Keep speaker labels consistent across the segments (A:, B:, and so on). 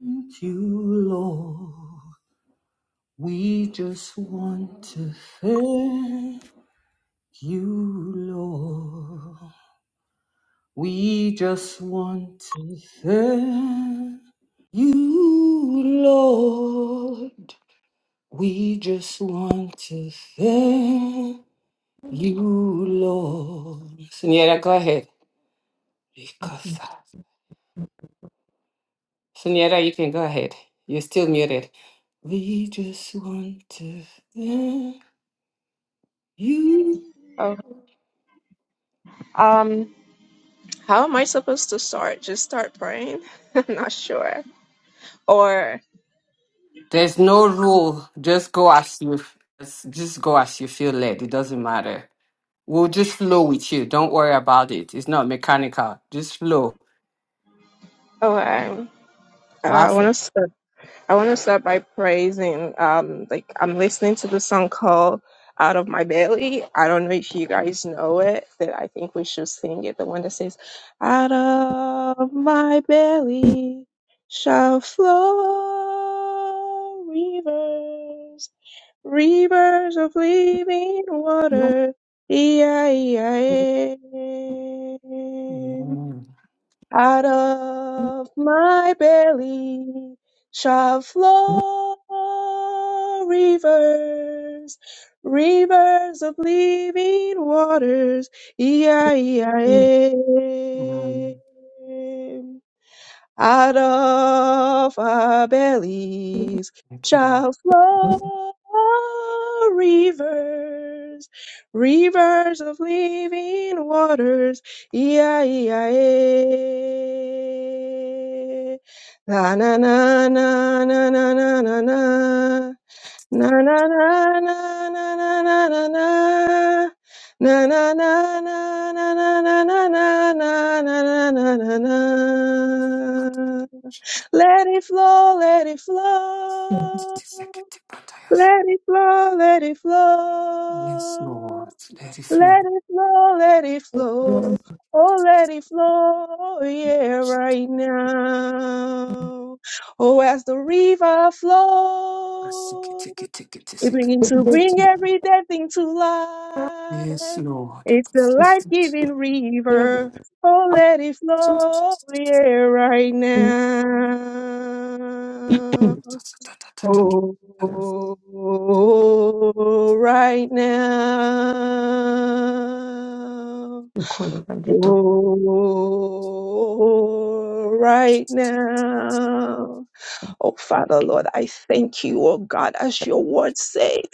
A: Thank you, Lord. We just want to thank you, Lord. We just want to thank you, Lord. We just want to thank you, Lord. Senora, go ahead. Because Senora, you can go ahead. You're still muted. We just want to thank you.
B: Oh, um, how am I supposed to start? Just start praying? I'm not sure. Or
A: There's no rule. Just go as you just just go as you feel led. It doesn't matter. We'll just flow with you. Don't worry about it. It's not mechanical. Just flow.
B: oh, um, uh, I want
A: Awesome.
B: to start. I want to start by praising. Um, like I'm listening to the song called "Out of My Belly." I don't know if you guys know it. That I think we should sing it. The one that says, "Out of my belly shall flow rivers." Rivers of living water, E-I-E-I-M.
A: Mm,
B: Out of my belly shall flow rivers, rivers of living waters,
A: mm,
B: E-I-E-I-M out of our bellies
A: okay, Lord.
B: shall flow rivers, rivers of living waters. E-I-E-I-E. La na na na na na na na na. Na na na na na na na na na. Na, na, na, na, na, na, na, na, na, na, na, na, na, Let it flow, let it flow. Let it flow, let it
A: Yes,
B: flow.
A: Lord. Let it
B: Let
A: flow.
B: it flow, let it flow. Oh, let it flow, yeah, right now. Oh, as the river flows. We bring to bring every dead thing to life.
A: Yes, Lord.
B: It's the life-giving
C: Yeah, but
B: river. Oh, let it flow, yeah, right
C: see,
B: now.
C: thank you,
B: Oh,
C: Jesus.
B: right now.
C: You call it and you talk.
B: Oh, right now. Oh, Father, Lord, I thank you, oh God, as your word says.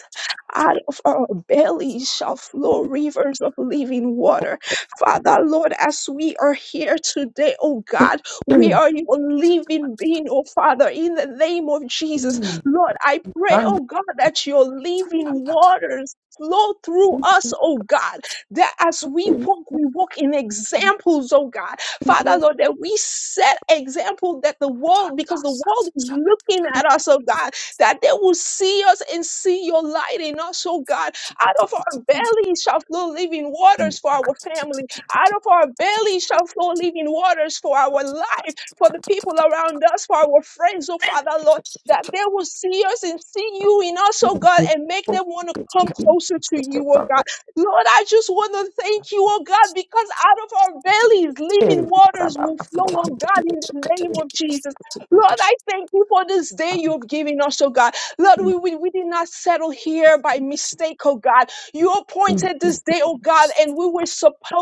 B: Out of our bellies shall flow rivers of living water. Father, Lord, as we are here today, oh God, we
C: Mm,
B: are your living being, oh Father, in the name of Jesus.
C: mm,
B: Lord, I pray,
C: and
B: oh God, that your living waters flow through us, oh God, that as we walk, we walk in examples, oh God. Father, Lord, that we set example that the world, because the world is looking at us, oh God, that they will see us and see your light in us, oh God. Out of our bellies shall flow living waters for
A: Rather
B: our family. Out of our bellies shall flow living waters for our life, for the people around us, for our friends, oh Father, Lord. That they will see us and see you in us, oh God, and make them want to come closer to you, oh God. Lord, I just want to thank you, oh God, because out of our bellies, living waters will flow, oh God, in the name of Jesus. Lord, I thank you for this day you've given us, oh God. Lord, we, we, we did not settle here by mistake, oh God. You appointed this day, oh God, and we were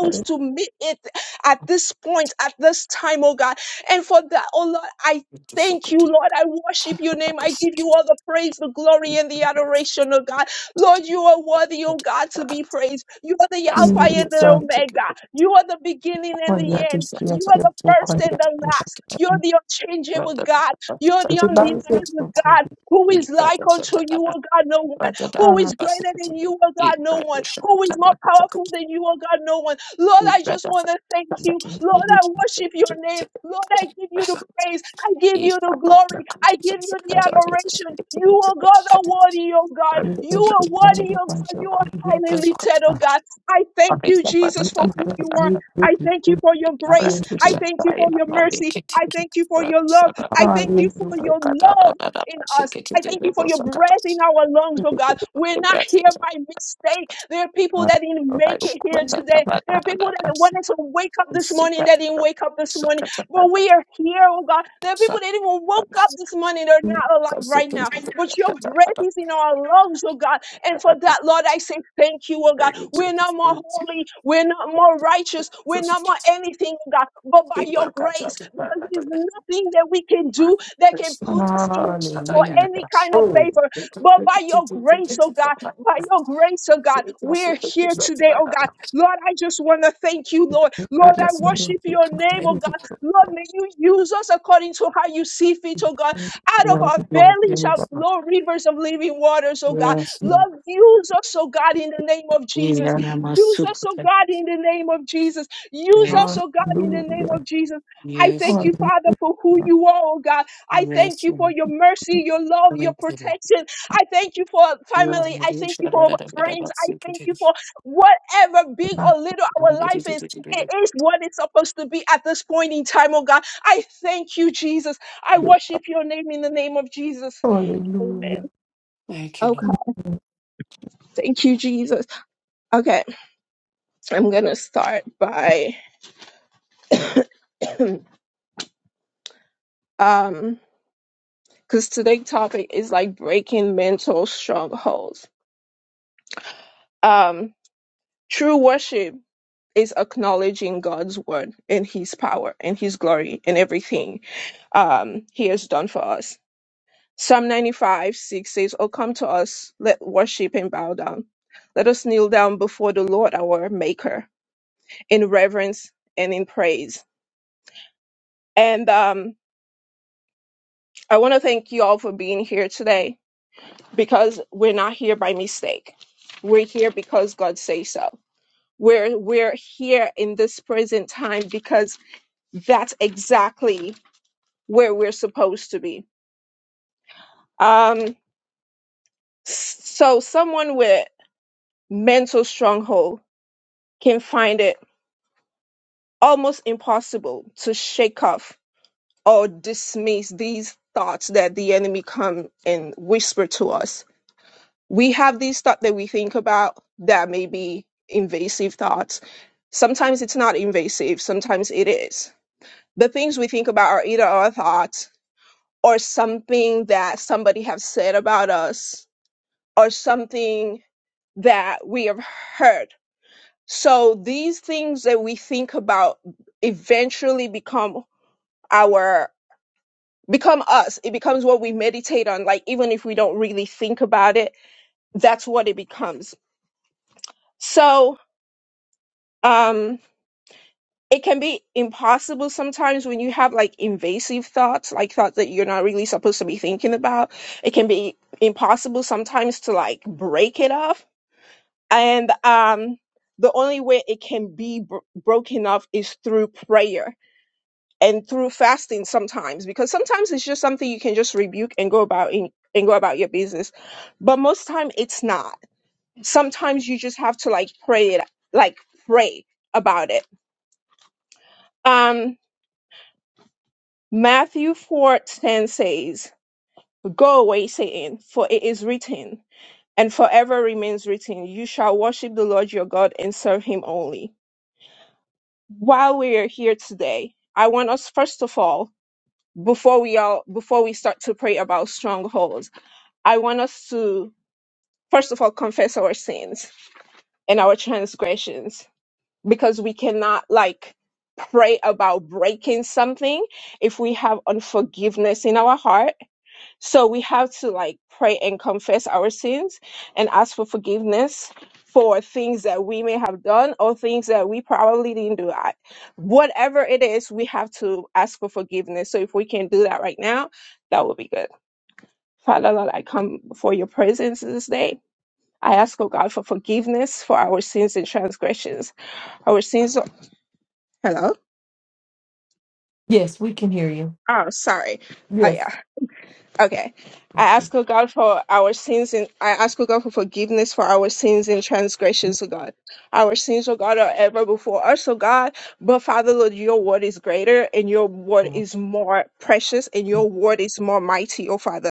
C: I
B: to meet it at this point, at this time, oh God. And for that, oh Lord, I Thank you, Lord. I worship your name. I give you all the praise, the glory, and the adoration, oh God. Lord, you are worthy, oh God, to be praised. You are the
C: see
B: Alpha and the
C: the
B: Omega. You are the beginning and the
C: cornea, the
B: end.
C: tears,
B: You are
C: the
B: the
C: full
B: first
C: cornea,
B: and the
C: and
B: last. You're the unchangeable God. You're the
C: the balance is so
B: undeniable
C: cornea.
B: God. Who is like unto you, O God? No one. Who
C: Ah,
B: is greater than you, O God? No one. Who is more
A: than
B: powerful than you, O God? No one. Lord, I
A: Thank
B: just want to thank you. Lord, I worship your name. Lord, I give you the praise. I give you the glory. I give you the
C: the body
B: adoration. You, O God, are worthy, O God.
C: is
B: You
C: just
B: are
C: to find
B: worthy,
C: the
B: O
C: ones
B: God.
C: that
B: You are
C: cornea
B: highly
C: that
B: lifted, O
C: are
B: God. I thank you, Jesus, for
C: really
B: who
C: just
B: you are.
C: great, great,
B: I
C: great.
B: thank you for your
C: I am
B: grace.
C: to
B: I
C: do,
B: thank you for your mercy. I thank you for your love. I
C: I
B: thank you
C: am
B: for
C: to
B: your love in us. I thank you for your breath in our lungs, oh God. We're not here by mistake. There are people that didn't make it
C: do.
B: here today. There are people that wanted to wake up this morning that didn't wake up this morning. But we are here, oh God. There are people that didn't even woke
A: you.
B: up this morning. They're not alive
A: Yes, yes,
B: right
A: yes,
B: now. But your breath is in our lungs, oh God. And for that, Lord, I say thank you, oh God. We're
A: Yes,
B: not more holy, we're not more righteous, we're
A: yes,
B: not more
A: yes.
B: anything, oh God, but by your grace, because there's nothing that we can do that can put us in for
C: Hallelujah.
B: any kind of
C: Oh,
B: favor, but by your grace, oh God, by your grace, oh God, we're here today, oh God. Lord, I just want to thank you, Lord.
C: it
B: Lord,
C: is
B: I
C: in the
B: worship your name, oh God. Lord, may you use us according to how you see fit, oh God. Out of our belly shall flow rivers of living waters, oh God. Lord, use us, oh God, in the name of Jesus. Use us, oh God, in the name of Jesus. Use us, oh God, in the name
C: hallelujah.
B: of Jesus. I thank you,
C: Hallelujah.
B: Father, for who you are, oh God. I thank you for your mercy, your love, your
A: Thank you.
B: protection. I thank you for
A: You are
B: family. I
A: the
B: thank you
A: shadow
B: for
A: that
B: friends. I thank you
A: I
B: for whatever big
C: Thank
B: or little our life is. It is what it's supposed to be at this point in time, oh God. I thank you, Jesus. I
C: you.
A: Thank
B: worship your name in the name of Jesus. Amen.
C: Hallelujah.
A: you, Lord.
B: Okay. Thank you, Jesus. Okay. I'm going to start by, um, because today's topic is like breaking mental strongholds. Um, true worship is acknowledging God's word and his power and his glory and everything um, he has done for us. Psalm 95 6 says, Oh, come to us, let worship and bow down. Let us kneel down before the Lord our Maker in reverence and in praise. And um, I want to thank you all for being here today because we're not here by mistake. We're here because God says so. We're, we're here in this present time because that's exactly where we're supposed to be. Um, so someone with mental stronghold can find it almost impossible to shake off or dismiss these thoughts that the enemy come and whisper to us. We have these thoughts that we think about that may be invasive thoughts. Sometimes it's not invasive, sometimes it is. The things we think about are either our thoughts or something that somebody has said about us or something that we have heard. So these things that we think about eventually become our become us. It becomes what we meditate on like even if we don't really think about it, that's what it becomes. So um it can be impossible sometimes when you have like invasive thoughts, like thoughts that you're not really supposed to be thinking about. It can be impossible sometimes to like break it off and um, the only way it can be bro- broken off is through prayer and through fasting sometimes because sometimes it's just something you can just rebuke and go about in, and go about your business but most time it's not sometimes you just have to like pray it like pray about it um matthew 4:10 says go away satan for it is written and forever remains written you shall worship the lord your god and serve him only while we are here today, I want us first of all, before we all before we start to pray about strongholds, I want us to first of all confess our sins and our transgressions because we cannot like pray about breaking something if we have unforgiveness in our heart so we have to like pray and confess our sins and ask for forgiveness for things that we may have done or things that we probably didn't do. I, whatever it is, we have to ask for forgiveness. So if we can do that right now, that would be good. Father, Lord, I come before your presence this day. I ask, oh God, for forgiveness for our sins and transgressions. Our sins. Hello?
C: Yes, we can hear you.
B: Oh, sorry.
C: Yes.
B: Okay. I ask, O God, for our sins, and I ask, O God, for forgiveness for our sins and transgressions, O God. Our sins, O God, are ever before us, O God. But Father, Lord, your word is greater, and your word
C: Hallelujah.
B: is more precious, and your word is more mighty, O Father.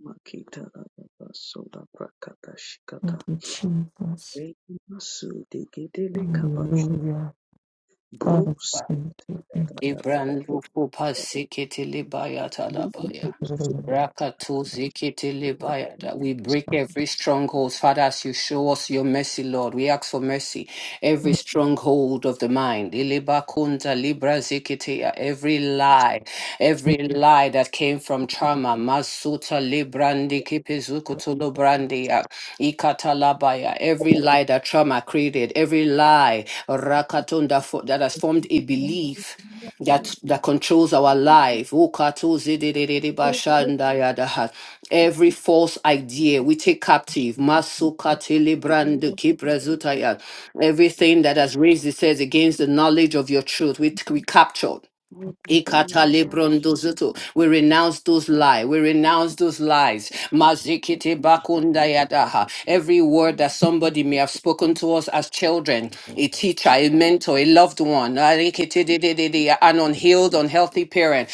D: Makita Lababa Soda Prakata Shikata
C: Thank you, Jesus.
D: Masu Digidele Kabash
C: Hallelujah. Father,
D: Bruce
C: thank you. Thank you
A: Ibrando Kupa Sikiti Libaya Talabaya.
C: for the goodness.
A: Rakatoziketelebaya, That we break every stronghold, Father, as you show us your mercy, Lord. We ask for mercy. Every stronghold of the mind, ilibakunda libra zikiti, every lie, every lie that came from trauma, Masuta librandi kipizukutulubrandia, Ikatalabaya, every lie that trauma created, every lie Rakatunda fo- that has formed a belief that that controls our life. Ukato zidididi bashanda yadaha. Every false idea we take captive. Masukatili
E: Thank
A: brandu kibrezutaya. Everything that has raised itself against the knowledge of your truth, we, we capture. Ikata lebrondo We renounce those lies. We renounce those lies. Mazikiti bakunda yadaha. Every word that somebody may have spoken to us as children, a teacher, a mentor, a loved one, arikitididididi, an unhealed, unhealthy parent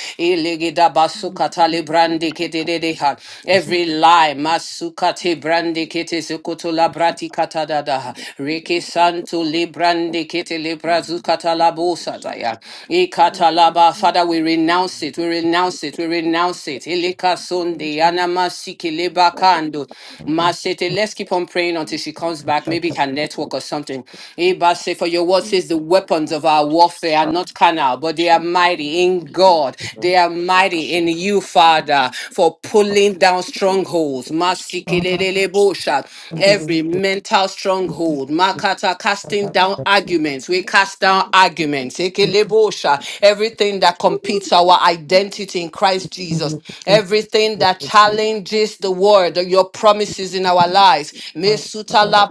A: brandi kete de de ha. Every lie, masukate brandi kete sukutu la brati kata da da ha. Reke santu li brandi kete li brazukata la bosa da ya. Ikata la ba. Father, we renounce it, we renounce it, we renounce it. Ilika sundi anamasi kileba kando. Masete, let's keep on praying until she comes back. Maybe her network or something. Iba say, for your word says the weapons of our warfare are not carnal, but they are
E: you.
A: mighty in God. They are mighty in you, Father, for pulling down strongholds.
C: Hallelujah.
A: Masikelelelebosha. Every mental stronghold. Makata casting
C: That
A: down arguments. We cast down arguments.
C: we give
A: Ekelebosha. Everything that competes our our identity in Christ Jesus.
C: you the first
A: Everything that challenges the word, your promises in our lives,
C: one.
A: Mesuta
C: Father,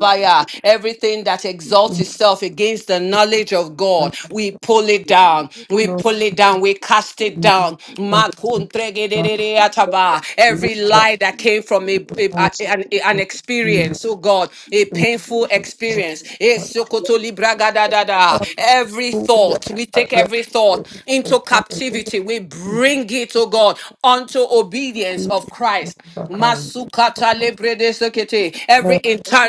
A: everything that
C: in the
A: exalts itself against the knowledge of God, we pull it down. We
C: name
A: pull it down. We cast it
E: Thank
A: down.
C: of Jesus,
A: Makuntregedere
C: we
A: Every
C: are
A: lie that came from a, a-
C: all
A: a- an, an
C: in
A: experience, oh God, a painful experience
C: the
A: sokoto libragadadada. Every
C: Yes,
A: thought, we take
C: yes,
A: every
C: yes,
A: thought
C: I'm
A: into
C: going to be
A: captivity. We bring it, oh God, unto obedience
C: Jesus,
A: of Christ.
C: I'm going
A: Masukata lebredesokete.
C: to
A: Every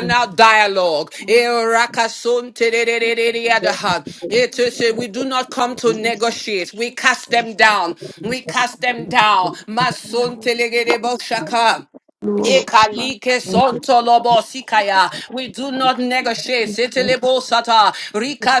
C: be
A: dialogue.
E: you. Shaka
A: Erakasonterererereriadaha. Etese, We do not come to negotiate. We cast them down. We cast them down. Masontelegedeboshaka.
C: Lord,
A: Ekalike sonto lobo sikaya. We do not negotiate. Setelebo sata. Rika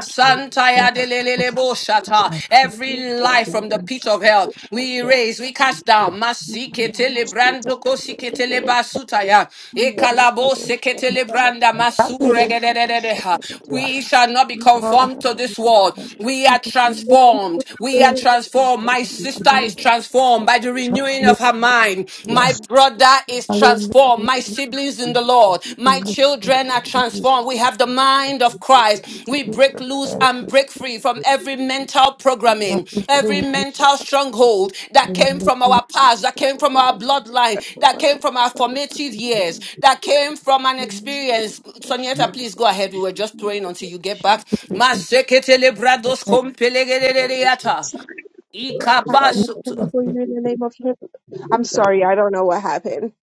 C: oh,
A: santaya delelelebo shata. Every lie from the pit of hell, we erase, we cast down. Masike telebrando kosike teleba sutaya.
C: God,
A: Ekalabo seke telebranda
C: I
A: masuregedededeha.
C: yeah.
A: We shall not be conformed
C: Hallelujah,
A: to this world. We are
E: Shaka
A: transformed. We are transformed. My sister is transformed by the renewing of her mind. My brother is
C: hallelujah,
A: transformed. My siblings in the Lord. My
C: hallelujah,
A: children are transformed. We have the mind of Christ. We break loose
C: hallelujah,
A: and break free from every mental programming, every
C: hallelujah.
A: mental stronghold that came
C: Jesus,
A: from our past, that came from our bloodline, that came from our formative years, that came from an experience. Sonieta, please go ahead. We were just praying until you get back. Maseketelebrados kompelegeleleyata.
B: Sorry, Father, I
C: it
B: want to
A: Ikapasu-
B: come before you in the name of Jesus. I'm
D: Makuda
B: sorry, I don't know what happened.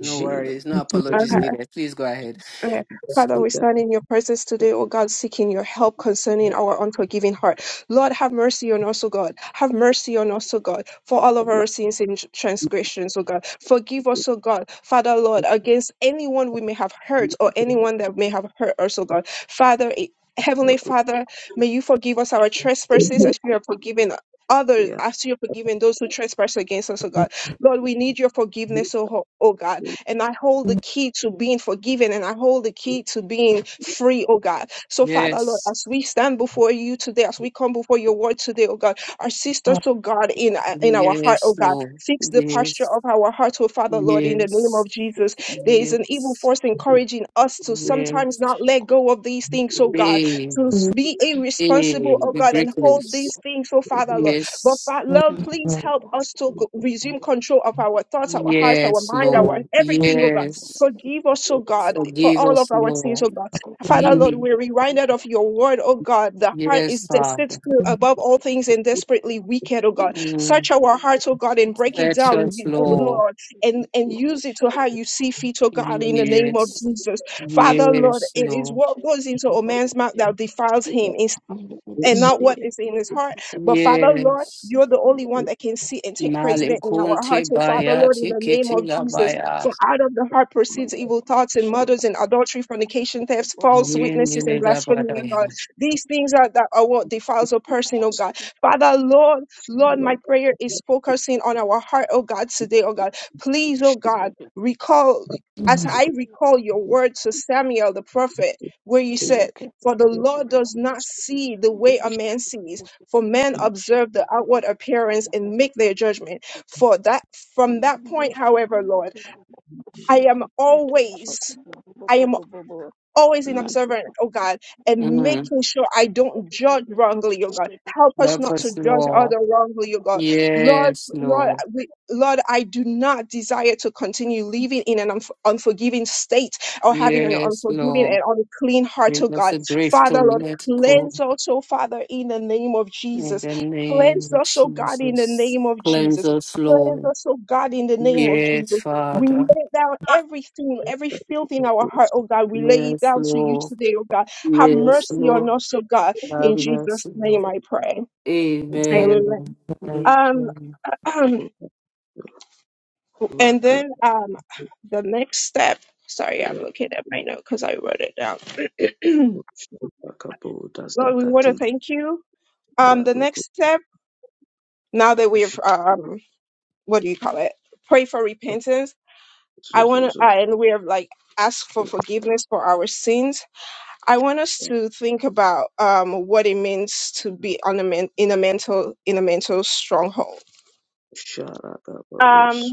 A: No
D: Jela
A: worries. No apologies
C: is
A: needed. Please go ahead.
B: Okay. Father, we
D: Liga
B: stand in your presence today, O God, seeking your help concerning our unforgiving heart. Lord, have mercy on us, O God. Have mercy on us, O God, for all of our sins and transgressions, O God. Forgive us, O God, Father, Lord, against anyone we may have hurt or anyone that may have hurt us, O God. Father, eh, Heavenly Father, may you forgive us our trespasses as we are forgiven. Others, as you are forgiving those who trespass against us, O God. Lord, we need your forgiveness, O, Ho- O God and I hold the
C: in
B: key to being forgiven and I hold the key to being free, oh God. So, Father, Lord,
A: Yes.
B: as we stand before you today, as we come before your word today, oh God, our sisters,
C: our
B: oh God, in, in our heart, oh
A: Yes,
B: God,
A: Lord.
B: fix the posture
A: Yes.
B: of our hearts, oh Father, Lord, in the name
A: Yes.
B: of Jesus. There is an evil
A: Yes.
B: force encouraging us to sometimes
A: Yes.
B: not let go of these things, oh God,
A: Hey.
B: to
C: faith,
B: be irresponsible,
A: Hey.
B: oh
A: We
B: God,
A: break
B: and hold
A: loose.
B: these things, oh Father, Lord. But
A: Yes.
B: Fa-
C: in
B: Lord, please
C: our
B: help us to go- resume control of our thoughts, our hearts, our
A: Yes,
B: mind,
C: faith,
B: our
A: Lord.
C: of
B: everything, oh God.
A: Yes.
B: Forgive us, oh God, for
A: Forgive
B: all
A: us,
B: of our sins,
A: Lord.
B: oh God.
C: the
B: Father,
C: living,
B: Lord,
A: Hey.
B: we're reminded of your word, oh God. The heart
A: Yes,
B: is
A: Father.
B: deceitful
C: in
B: above all things and desperately wicked, oh God.
A: Mm.
B: Search our hearts, oh God, and break it
A: Search
B: down,
A: us,
B: uh,
A: Lord.
B: Lord, and, and use it to how you
E: Shaka
B: see fit, oh God, in the name of
A: Yes.
B: Jesus. Father, Lord,
A: Yes,
B: it is
A: Lord.
B: what goes into a man's mouth that defiles him and not
D: Shate
B: what is in his heart. But Father, Lord,
A: Yes.
B: you're the only one that can see and take president in our
A: Malikunti
B: hearts. So, Father,
A: baya
B: Lord, in the name
A: tikiti
B: of Jesus,
A: labaya.
B: for out of the heart proceeds evil thoughts and murders and adultery, fornication, thefts, false witnesses, and
A: Windiliga
B: blasphemy, oh God.
A: badaya.
B: These things are, that are what defiles a person, oh God. Father, Lord, Lord, my prayer is focusing on our heart, oh God, today, oh God. Please, oh God, recall. As
C: Jesus.
B: I recall your word to Samuel the prophet, where you said, for the Lord does not see the way a man sees, for men observe the outward appearance and make their judgment. For that from that
E: Amando
B: point,
E: shukuru
B: however, Lord,
E: bubu
B: I am
E: shukuru bubu
B: always
E: shukuru bubu bubu bubu
B: always an
E: amando
B: observer, oh
E: shukuru
B: God,
E: bubu
B: and
A: Mm.
E: bubu
B: making sure I
E: shukuru
B: don't
E: bubu
B: judge
E: bubu
B: wrongly, oh God.
E: shukuru bubu bubu shukuru shukuru
B: Help us
A: Help
B: not to
A: us,
B: judge
A: Lord.
B: other wrongly, oh God. Lord,
A: Yes,
B: Lord,
A: Lord.
B: we, Lord, I do not desire to continue living in an unf- unforgiving state or having an
A: Yes,
B: unforgiving
A: Lord.
B: and unclean heart,
A: Give
B: oh
A: us
B: God.
A: the grace to
B: Father, Lord,
A: let go.
B: cleanse us, oh Father, in the name of
A: In
B: Jesus.
A: the name
B: Cleanse
A: of
B: us, oh God, in the
A: Jesus.
B: name of
A: Cleanse
B: Jesus.
A: us,
B: Cleanse
A: Lord.
B: us, oh God, in the name of
A: Yes,
B: Jesus. We
A: Father.
B: lay down everything, every filth in our heart, oh God. We lay it
A: Yes,
B: down to you
A: Lord.
B: today, oh God. Have
A: Yes,
B: mercy on
A: Lord.
B: us, oh God.
A: Have
B: In Jesus'
A: mercy, Lord.
B: name I pray. Amen.
A: Amen.
B: Um,
A: Amen.
B: and
D: Raka
B: then um the next step. Sorry, I'm looking at my note because I wrote it down.
D: Raka Bodas
B: Lord, we want to
D: Kati
B: thank you. Um, the
D: Rado
B: next step, now that we've um what do you call it? Pray for repentance. I want to, uh, and we have like asked for forgiveness for our sins I want us to think about um, what it means to be on a men- in a mental in a mental stronghold. Um,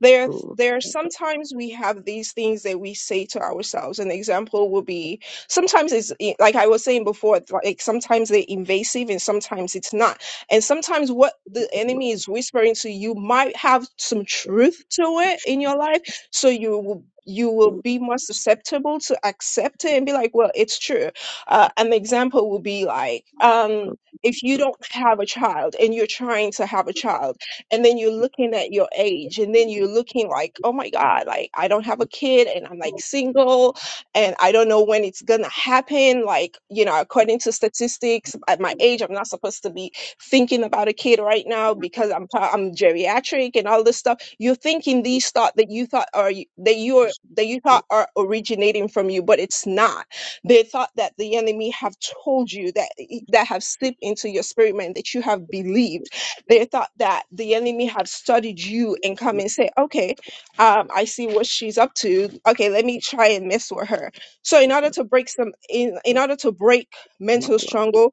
B: there there sometimes we have these things that we say to ourselves an example would be sometimes it's i- like i was saying before it's like sometimes they're invasive and sometimes it's not and sometimes what the enemy is whispering to you might have some truth to it in your life so you will you will be more susceptible to accept it and be like well it's true uh, an example would be like um if you don't have a child and you're trying to have a child and then you're looking at your age and then you're looking like oh my god like i don't have a kid and i'm like single and i don't know when it's gonna happen like you know according to statistics at my age i'm not supposed to be thinking about a kid right now because i'm pro- i'm geriatric and all this stuff you're thinking these thought that you thought are y- that you're that you thought are originating from you but it's not they thought that the enemy have told you that i- that have slipped into your spirit man that you have believed they thought that the enemy had studied you and come and say, okay, um, I see what she's up to. Okay, let me try and mess with her. So in order to break some, in, in order to break mental struggle,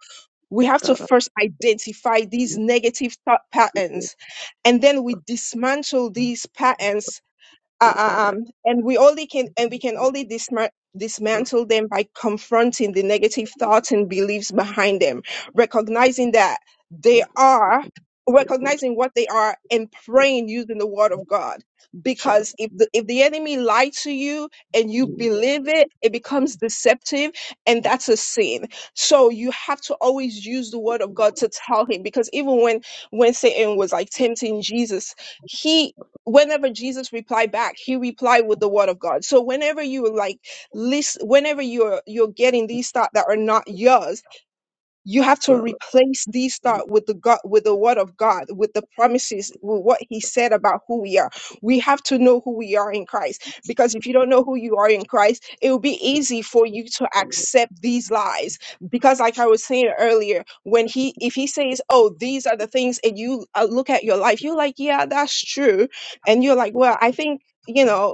B: we have to first identify these negative thought patterns and then we dismantle these patterns uh, uh, um, and we only can and we can only disma- dismantle them by confronting the negative thoughts and beliefs behind them recognizing that they are recognizing what they are and praying using the word of god because if the, if the enemy lied to you and you believe it it becomes deceptive and that's a sin so you have to always use the word of god to tell him because even when when satan was like tempting jesus he whenever Jesus replied back, he replied with the word of God. So whenever you like listen, whenever you're you're getting these thoughts that are not yours, you have to replace these thought with the god with the word of god with the promises with what he said about who we are we have to know who we are in christ because if you don't know who you are in christ it will be easy for you to accept these lies because like i was saying earlier when he if he says oh these are the things and you uh, look at your life you're like yeah that's true and you're like well i think you know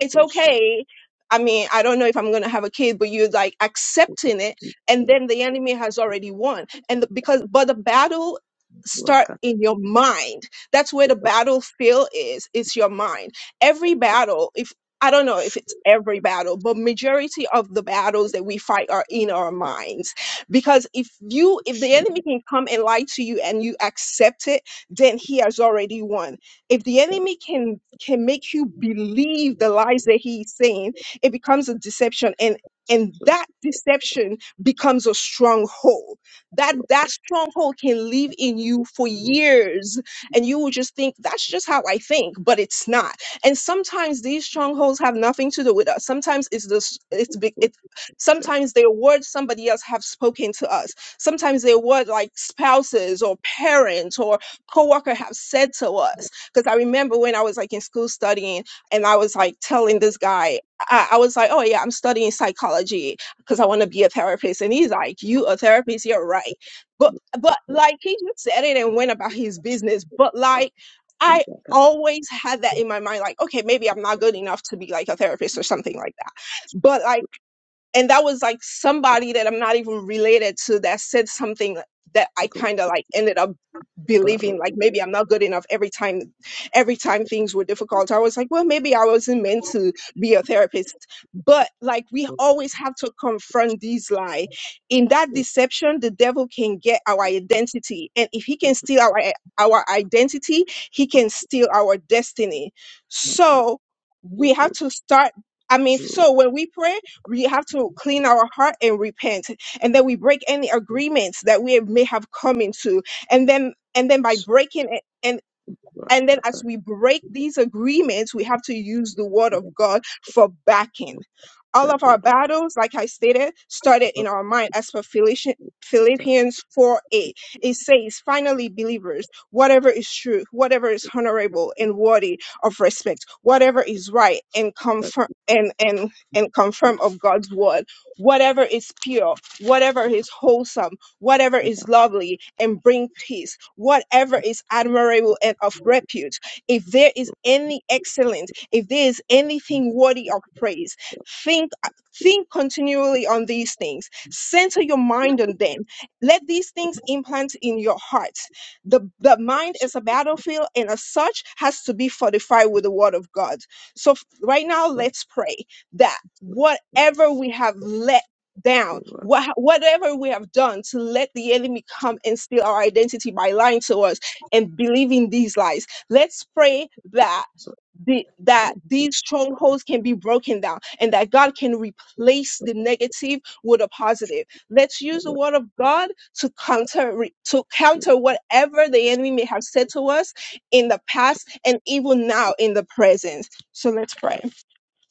B: it's okay. I mean, I don't know if I'm going to have a kid, but you're like accepting it. And then the enemy has already won. And the, because, but the battle start in your mind. That's where the battlefield is. It's your mind. Every battle, if I don't know if it's every battle, but majority of the battles that we fight are in our minds. Because if you, if the enemy can come and lie to you and you accept it, then he has already won if the enemy can can make you believe the lies that he is saying it becomes a deception and and that deception becomes a stronghold that that stronghold can live in you for years and you will just think that's just how i think but it's not and sometimes these strongholds have nothing to do with us sometimes it's this it's big it sometimes they're words somebody else have spoken to us sometimes they're words like spouses or parents or coworker have said to us because I remember when I was like in school studying, and I was like telling this guy, I, I was like, oh yeah, I'm studying psychology because I want to be a therapist. And he's like, you a therapist? You're right. But but
D: Shut
B: like he just said it and went about his business. But like I always had that in my mind, like, okay, maybe I'm not good enough to be like a therapist or something like that. But like and that was like somebody that I'm not even related to that said something that I kind of like ended up believing like maybe I'm not good enough every time every time things were difficult I was like well maybe I wasn't meant to be a therapist but like we always have to confront these lie in that deception the devil can get our identity and if he can steal our our identity he can steal our destiny so we have to start I mean so when we pray we have to clean our heart and repent. And then we break any agreements that we have- may have come into. And then and then by breaking it. And then as we break these agreements, we have to use the word of God for backing. All of our battles, like I stated, started in our mind as per Philippians. Philippians 4 8. It says, finally, believers, whatever is true, whatever is honorable and worthy of respect, whatever is right and confirm and and and confirm of God's word, whatever is pure, whatever is wholesome whatever is lovely and bring peace, whatever is admirable and of repute. If there is any excellence, if there is anything worthy of praise, think think continually on these things. Center your mind on them. Let these things implant in your heart. The, the mind is a battlefield and as such has to be fortified with the word of God. So f- right now let's pray that whatever we have let down. What, whatever we have done to let the enemy come and steal our identity by lying to us and believing these lies, let's pray that. The, that these strongholds can be broken down and that God can replace the negative with a positive. Let's use the word of God to counter re- to counter whatever the enemy may have said to us in the past and even now in the present. So let's pray.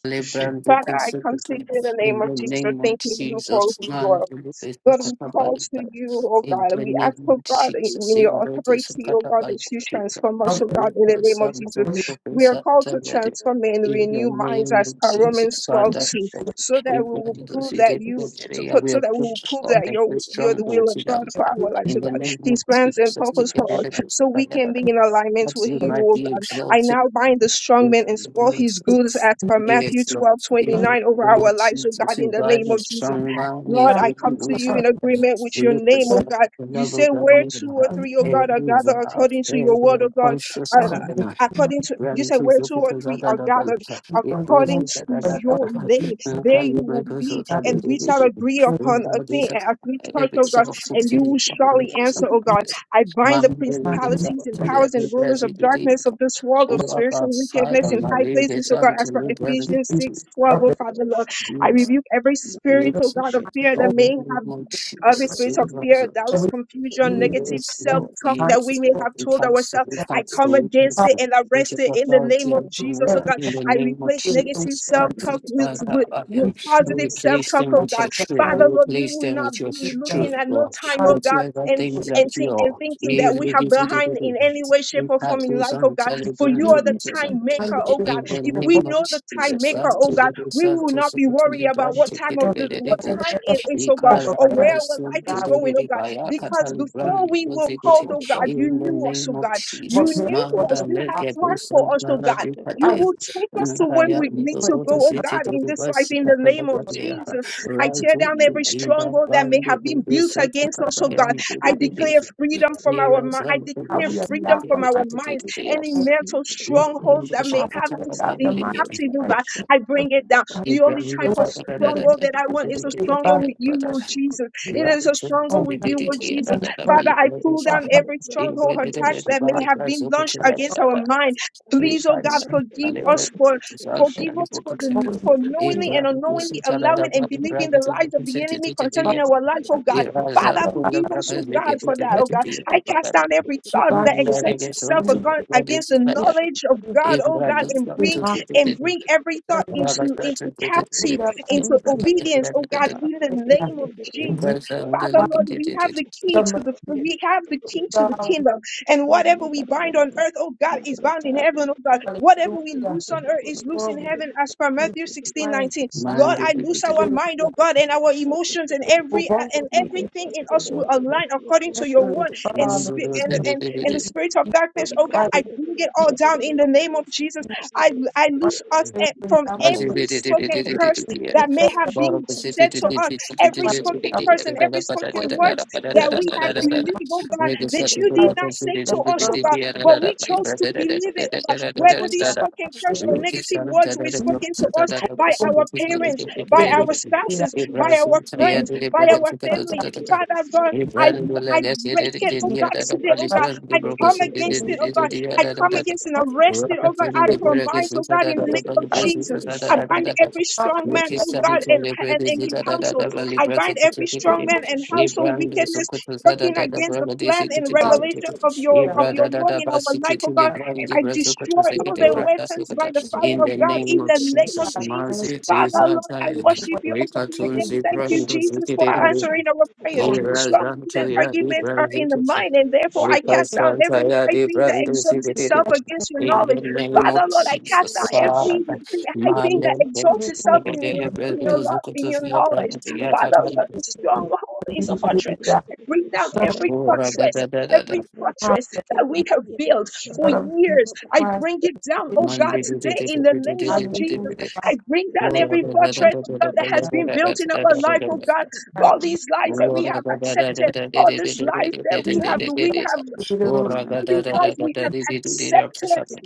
A: Lebrando
B: Father, I come to you
A: considerably
B: in the name
A: in
B: of
A: the
B: Jesus,
A: name of
B: thanking you for
A: Jesus.
B: who you
A: Man,
B: are.
A: Lebrando
B: God, we call to
A: Catabalba.
B: you, oh
A: In
B: God, and
A: the
B: we
A: name
B: ask, oh
A: of
B: God,
A: Jesus,
B: in
A: in
B: your
A: brothers of
B: authority, oh God, that
A: catabaliba,
B: you transform us, oh
A: we
B: God, in the
A: are
B: name of
A: some
B: Jesus.
A: Santo
C: Hallelujah,
B: We are
A: Professor
B: called to
A: Tayade.
B: transform and
A: In the
B: renew minds
A: name
B: as
A: of
B: per Romans
A: Jesus,
B: 12:2,
A: Father,
B: so that
A: we
B: we will
A: bind those
B: prove
A: who
B: that
A: did
B: you,
A: not
B: to
A: pray, and
B: put,
A: we
B: so that we will
A: approach
B: prove
A: God
B: that
A: and
B: you're,
A: we
B: you're the will
A: strongholds
B: of
A: in our
B: God for
A: mind.
B: our lives,
A: In
B: oh
A: the
B: God.
A: name of
B: These plans and
A: Jesus, to
B: purpose
A: get
B: for
A: rid
B: us,
A: of
E: shukuru
A: this,
B: so
A: that I
B: we can
A: had.
B: be in
E: shukuru
B: alignment
A: That
B: with
A: you
B: you,
A: might
B: oh
A: be
E: shukuru
B: God. I
A: exalted.
B: now bind the strong
A: In
B: man and
A: the
B: spoil
A: name of
B: his goods
A: Jesus.
B: as per Matthew 12:29,
A: Yes, Lord. In the
B: over
A: name
B: our
A: of
B: lives, oh God,
A: Jesus,
B: in the
A: revive
B: name of
A: his
B: Jesus.
A: strong mind, make
B: Lord, I
A: it
B: come to
A: loose
B: you
C: God,
A: of
B: in agreement with your
A: every
B: name, oh
C: bless
A: percent
B: God.
A: of
B: You
A: levels
B: say
A: of
B: where two or
A: neighborhood,
C: them
B: three, oh
C: in the
B: God, are
A: every
B: gathered
A: vow,
B: according to your
A: every
B: word, oh God.
A: unconscious
B: And, uh,
C: corner, in the
A: covenant.
C: name of
B: According to you said
A: Gratitude,
B: where two or
A: because I
B: three
A: got
B: are
A: a bunch
B: gathered
A: of it
C: Jesus,
A: bursts
C: Lord,
B: according
C: we
A: into
B: to
A: da
C: pray
A: da da
C: for
B: your
A: da.
C: the living
B: name,
A: And
B: there you will
A: calibrate
B: be,
A: results
C: God,
A: are the
C: we
B: and we shall
A: divinity.
B: agree
C: pray,
B: upon a thing
A: embodies us
B: and agree touch,
A: every
B: oh God,
A: self
B: and you
A: fulfilling.
B: will surely answer, oh God. I bind the
A: Mom, the ladies are
B: principalities
C: man,
B: and
A: to
B: powers and rulers of darkness
A: get
B: of this world of
A: all of our
B: spiritual
A: side
B: wickedness
C: and
A: and
B: in
A: my
B: high places,
A: leaders
B: oh God,
A: unto
B: as for
A: me, brethren,
C: species
A: to
B: Ephesians
A: pity.
B: 6, 12,
C: of
B: oh
C: the
B: Father Lord. I rebuke every spirit,
C: children
B: oh
A: Yes,
B: God, of fear
A: in
B: that
C: over
A: the
B: may
A: name
B: have
A: of
B: every
A: Jesus,
B: spirit
A: we
B: of
C: and
B: fear, doubt,
A: resurrect.
C: over
B: confusion,
C: years
B: negative
A: Yes,
B: self
C: and
A: Lord,
B: talk
C: time
B: that we
A: yes,
B: may
C: will
A: Lord,
B: have
A: we
B: told
A: cancel,
B: ourselves,
A: we
B: I
A: cancel,
B: come
A: we
B: against
C: come
B: it
A: cancel.
B: and
A: We
B: arrest
A: take
B: it in the
A: authority
B: name of
A: and
B: Jesus, oh
A: dominion
C: every
B: God.
A: in the
B: I
A: name of
B: replace
C: spiritual
B: negative
A: Jesus.
C: will
B: self
C: be
B: talk
A: Perfect
B: with,
A: by
C: on
A: the
B: with, with
C: we
A: Amen.
C: see
A: We
B: positive self
A: replace
B: talk,
A: them
B: oh
C: of
A: with
B: God.
A: your
C: the
A: truth. We
C: fire
B: Father, Lord, we
A: replace
B: will
A: them
B: not
A: with your
B: be
A: tr-
C: the
B: looking
A: truth,
B: at no
A: Lord.
B: time,
C: fire
B: oh God,
A: Whatever
B: and
C: will
A: things are
B: and, think, and
A: pure,
B: thinking
A: we
B: that we
A: will
B: are
A: give you the
B: behind in any
A: evidence.
B: way, shape,
A: We
B: or
A: have
B: form in
A: those
B: life,
A: on
B: oh
A: the
B: God. For
A: telegram
B: you
C: be
A: to
B: are the time
A: be
B: maker,
C: behind the
B: oh God.
A: in the
C: will
B: If
C: for
B: we
C: the
A: name of
B: know the time
A: Jesus,
B: maker,
A: that's
B: oh
A: to the
B: God, we
A: result
B: will
A: to
B: not be
A: second to the
B: worried about
A: brand
B: what
A: to
B: time
A: the
B: of the
C: fire
B: what
A: rebuke.
C: the
B: time
C: fire
B: it is,
A: We
B: oh God
A: call
C: over
B: or
C: there
B: where
A: our
B: our
C: the
A: soon
B: life
A: to
B: is
C: God
A: the
B: going, oh God.
A: rebaya
B: Because
A: cataly
C: we
B: before
A: brand
B: we were
C: thank
B: called,
A: executing.
C: you
B: oh
C: so
B: God, you
A: In the
B: knew us, oh
A: name of
B: God. You
C: work
A: Jesus,
C: here
B: knew
C: for
A: Mahda
B: us.
C: the
B: You had
A: leke
B: plans
A: busan
B: for us, oh
E: Shut
B: God.
A: paradi
E: up.
B: You
A: pataya.
C: sacrifice
B: will take us to
C: God
B: where
A: Baya
B: we need
A: the
C: but
B: to
A: water
B: go,
C: the
B: oh
A: city
B: God,
A: to
B: in
A: the
B: this life,
A: bus
B: in the name of
C: unbelievable
A: catalabia.
B: Jesus. I
A: Rise
B: tear
A: up
B: down
A: to
B: every
A: in that
B: stronghold that may
A: band
B: have been
A: to the
B: built against
A: Satika
B: us, oh
A: Bayan
B: God.
A: to
B: I
A: the
B: declare
A: rebate.
B: freedom from our
A: Here is
B: mind. I
A: one to
C: how
A: book
B: declare
C: we
A: to
B: freedom
C: adopt
B: from
C: the
B: our
C: mind
B: minds. Any
A: the
C: of
B: mental
A: Thank
C: the
B: strongholds that may
C: Father
B: have
C: we
B: us
C: adopt the
B: in
C: mind of
B: captivity, oh
C: Christ
B: God, I bring it down.
C: Jesus
B: The only type of
C: Lord Jesus, we
B: struggle that I
C: ask
B: want
C: that
B: is a
C: you the
B: struggle
C: body
B: with you,
C: of
B: Lord Jesus. It
C: Jesus.
B: is a struggle
C: Oh,
B: with
C: God,
B: you, Lord Jesus.
C: thank you for
B: Father, I pull
C: your
B: down
C: love.
B: every stronghold
C: We
B: attacks that
C: are
B: may have been launched
E: Thank
C: of
B: against our
E: you.
B: mind.
C: the children
B: Please, oh God, forgive
C: of
B: us for. Forgive us for the
C: Holy
B: for knowingly
C: Spirit.
B: and unknowingly allowing and believing the lies of the enemy
C: Father,
B: concerning our life,
C: I
B: oh God.
C: just praise you
B: Father,
C: about
B: forgive
C: that.
B: us, oh God, for that,
C: Make
B: oh God. I cast down every
C: me
B: thought
C: God
B: that
C: to be about our nation. We bind this
B: exalts itself
C: and we thank
B: agon- against the
C: you
A: you.
B: knowledge of
C: for
B: God, oh God,
A: Mandiri
B: and
C: this
B: bring
C: man
B: and bring every
C: for
B: thought
C: the
B: into into
C: people who
B: captive
C: love and we
B: into
C: see
B: obedience oh
C: the
B: god in the
C: Christian.
B: name of
C: And we
B: jesus father
C: thank you,
B: lord we have the key
C: Lord, my
B: to the
C: Jesus.
B: we have the key to the
C: God, we
B: kingdom and
C: see you.
B: whatever we bind on earth oh god is bound in heaven oh god whatever we
C: Hallelujah.
B: loose on earth is loose in
C: Lord, we
B: heaven as per
C: see you.
B: matthew
E: Thank you.
B: 16 19.
C: Christ, we thank
B: lord i loose
C: you.
B: our
C: Hallelujah.
B: mind oh god and our emotions and
C: Oh,
B: every uh,
C: God,
B: and
C: we see
B: everything in
C: you.
B: us will align according to your
C: Heavenly
B: word and
C: Father,
B: spi-
C: in
B: and
C: the
B: and, and
C: name
B: the
C: of
B: spirit of
C: Jesus
B: darkness oh god i
C: Christ,
B: bring it
C: we
B: all down in the name of jesus
C: thank you
B: I, I
C: for
B: loose us e-
C: every
B: from
A: Ibrahim
C: apple of
B: every spoken curse
C: the
B: that
C: existence
B: may
C: that the
B: have been said to
C: Lord
B: us, every
C: Christ
B: spoken
C: has
B: curse and
C: come
B: every spoken
C: forth and
B: words
C: is
B: that
C: at
B: we have
C: the
B: believed, oh
C: among us.
B: God,
C: We
B: that you did
C: are
B: not say
C: The
B: to us, oh
C: blood
B: God,
C: of
B: but we
C: Jesus
B: chose to believe it, oh God,
C: is for
B: whether
C: you
B: these
C: by
B: spoken curse or
C: Jesus.
B: negative words were
C: We
B: spoken to us by
C: don't
B: our parents, by
C: give this
B: our
C: to you.
B: spouses, by our
C: We
B: friends, by our
C: put our
B: family. Father God, I, I break it, oh
C: feet
B: God, today, oh
C: by
B: God. I come against
C: Jesus
B: it, oh God. I come against and
A: in
B: arrest
A: the
B: it, oh God, out
A: name
B: of our minds, oh God, in the name of
C: Christ.
B: Jesus. I
C: Oh,
B: bind every
C: God, I
B: strong man,
C: thank
E: Thank
B: oh
E: you.
B: God, and, and, and in household. I bind every
C: you.
B: strong man and household wickedness working against the plan and revelation of your of your word in our life, oh God. And I destroy all their
C: Lord
B: weapons by the
C: Jesus.
B: fire of God in
A: of
B: the name of
A: Jesus,
C: God's name,
B: Jesus.
C: the
A: Maziti
B: Father,
C: name,
B: Lord, I
A: Zatai,
C: which is
B: worship
C: what
B: your holy
C: the
A: Rikatun
C: name
B: name. Thank
C: is
B: you,
A: Zibrando
B: Jesus, for
A: Zikiri,
B: answering our prayers.
C: holy.
B: Struggles
A: Irazanto
B: and
C: We
A: Yadi
B: arguments are in the
A: Brandikis,
B: mind, and therefore I cast
C: thank
B: down
A: Rikasanta
B: every high
A: Yadi
B: thing that
A: Brando
B: exalts itself against your
A: in
B: knowledge.
A: the name
B: Father,
A: of
B: Lord, I cast down
A: Jesus,
C: of
A: Father,
B: every high
C: the
B: thing that
A: Male, Dele,
B: exalts
C: city, we
B: itself
C: will
B: in
C: see
B: your, in
E: Shut
A: Brendo,
C: the
B: your love, in
A: Zukutu,
B: your
A: Villa,
B: knowledge.
A: Brandi,
C: fruit
B: Father,
A: Yakatan,
B: Lord, the stronghold
C: of
B: is a
C: the
B: fortress.
C: living God.
B: I bring down every
A: Ura, da,
B: fortress,
A: da, da, da, da,
B: every fortress that we have built for
C: of
B: years. I bring it down, oh God,
A: Mandi, di, di,
B: today
A: di,
B: in the
A: di, di, di,
B: name of
A: di, di, di,
B: Jesus.
A: di, di,
B: I bring down
A: Ura,
B: every
A: da, da,
B: fortress,
A: da,
B: oh
A: da, da,
B: God, that
A: da, da,
B: has
C: the
B: been
A: da, da, da,
B: built in
A: da, da,
B: our
A: da,
B: life,
A: da,
B: oh
A: da.
B: God
C: Christ.
B: all these
C: We
B: lies
A: In
B: that
A: the
B: we have
A: name
B: accepted, all this life that we
C: give you
B: have we have
C: the glory,
B: and
C: the
B: in
C: back
B: Christ, we have accepted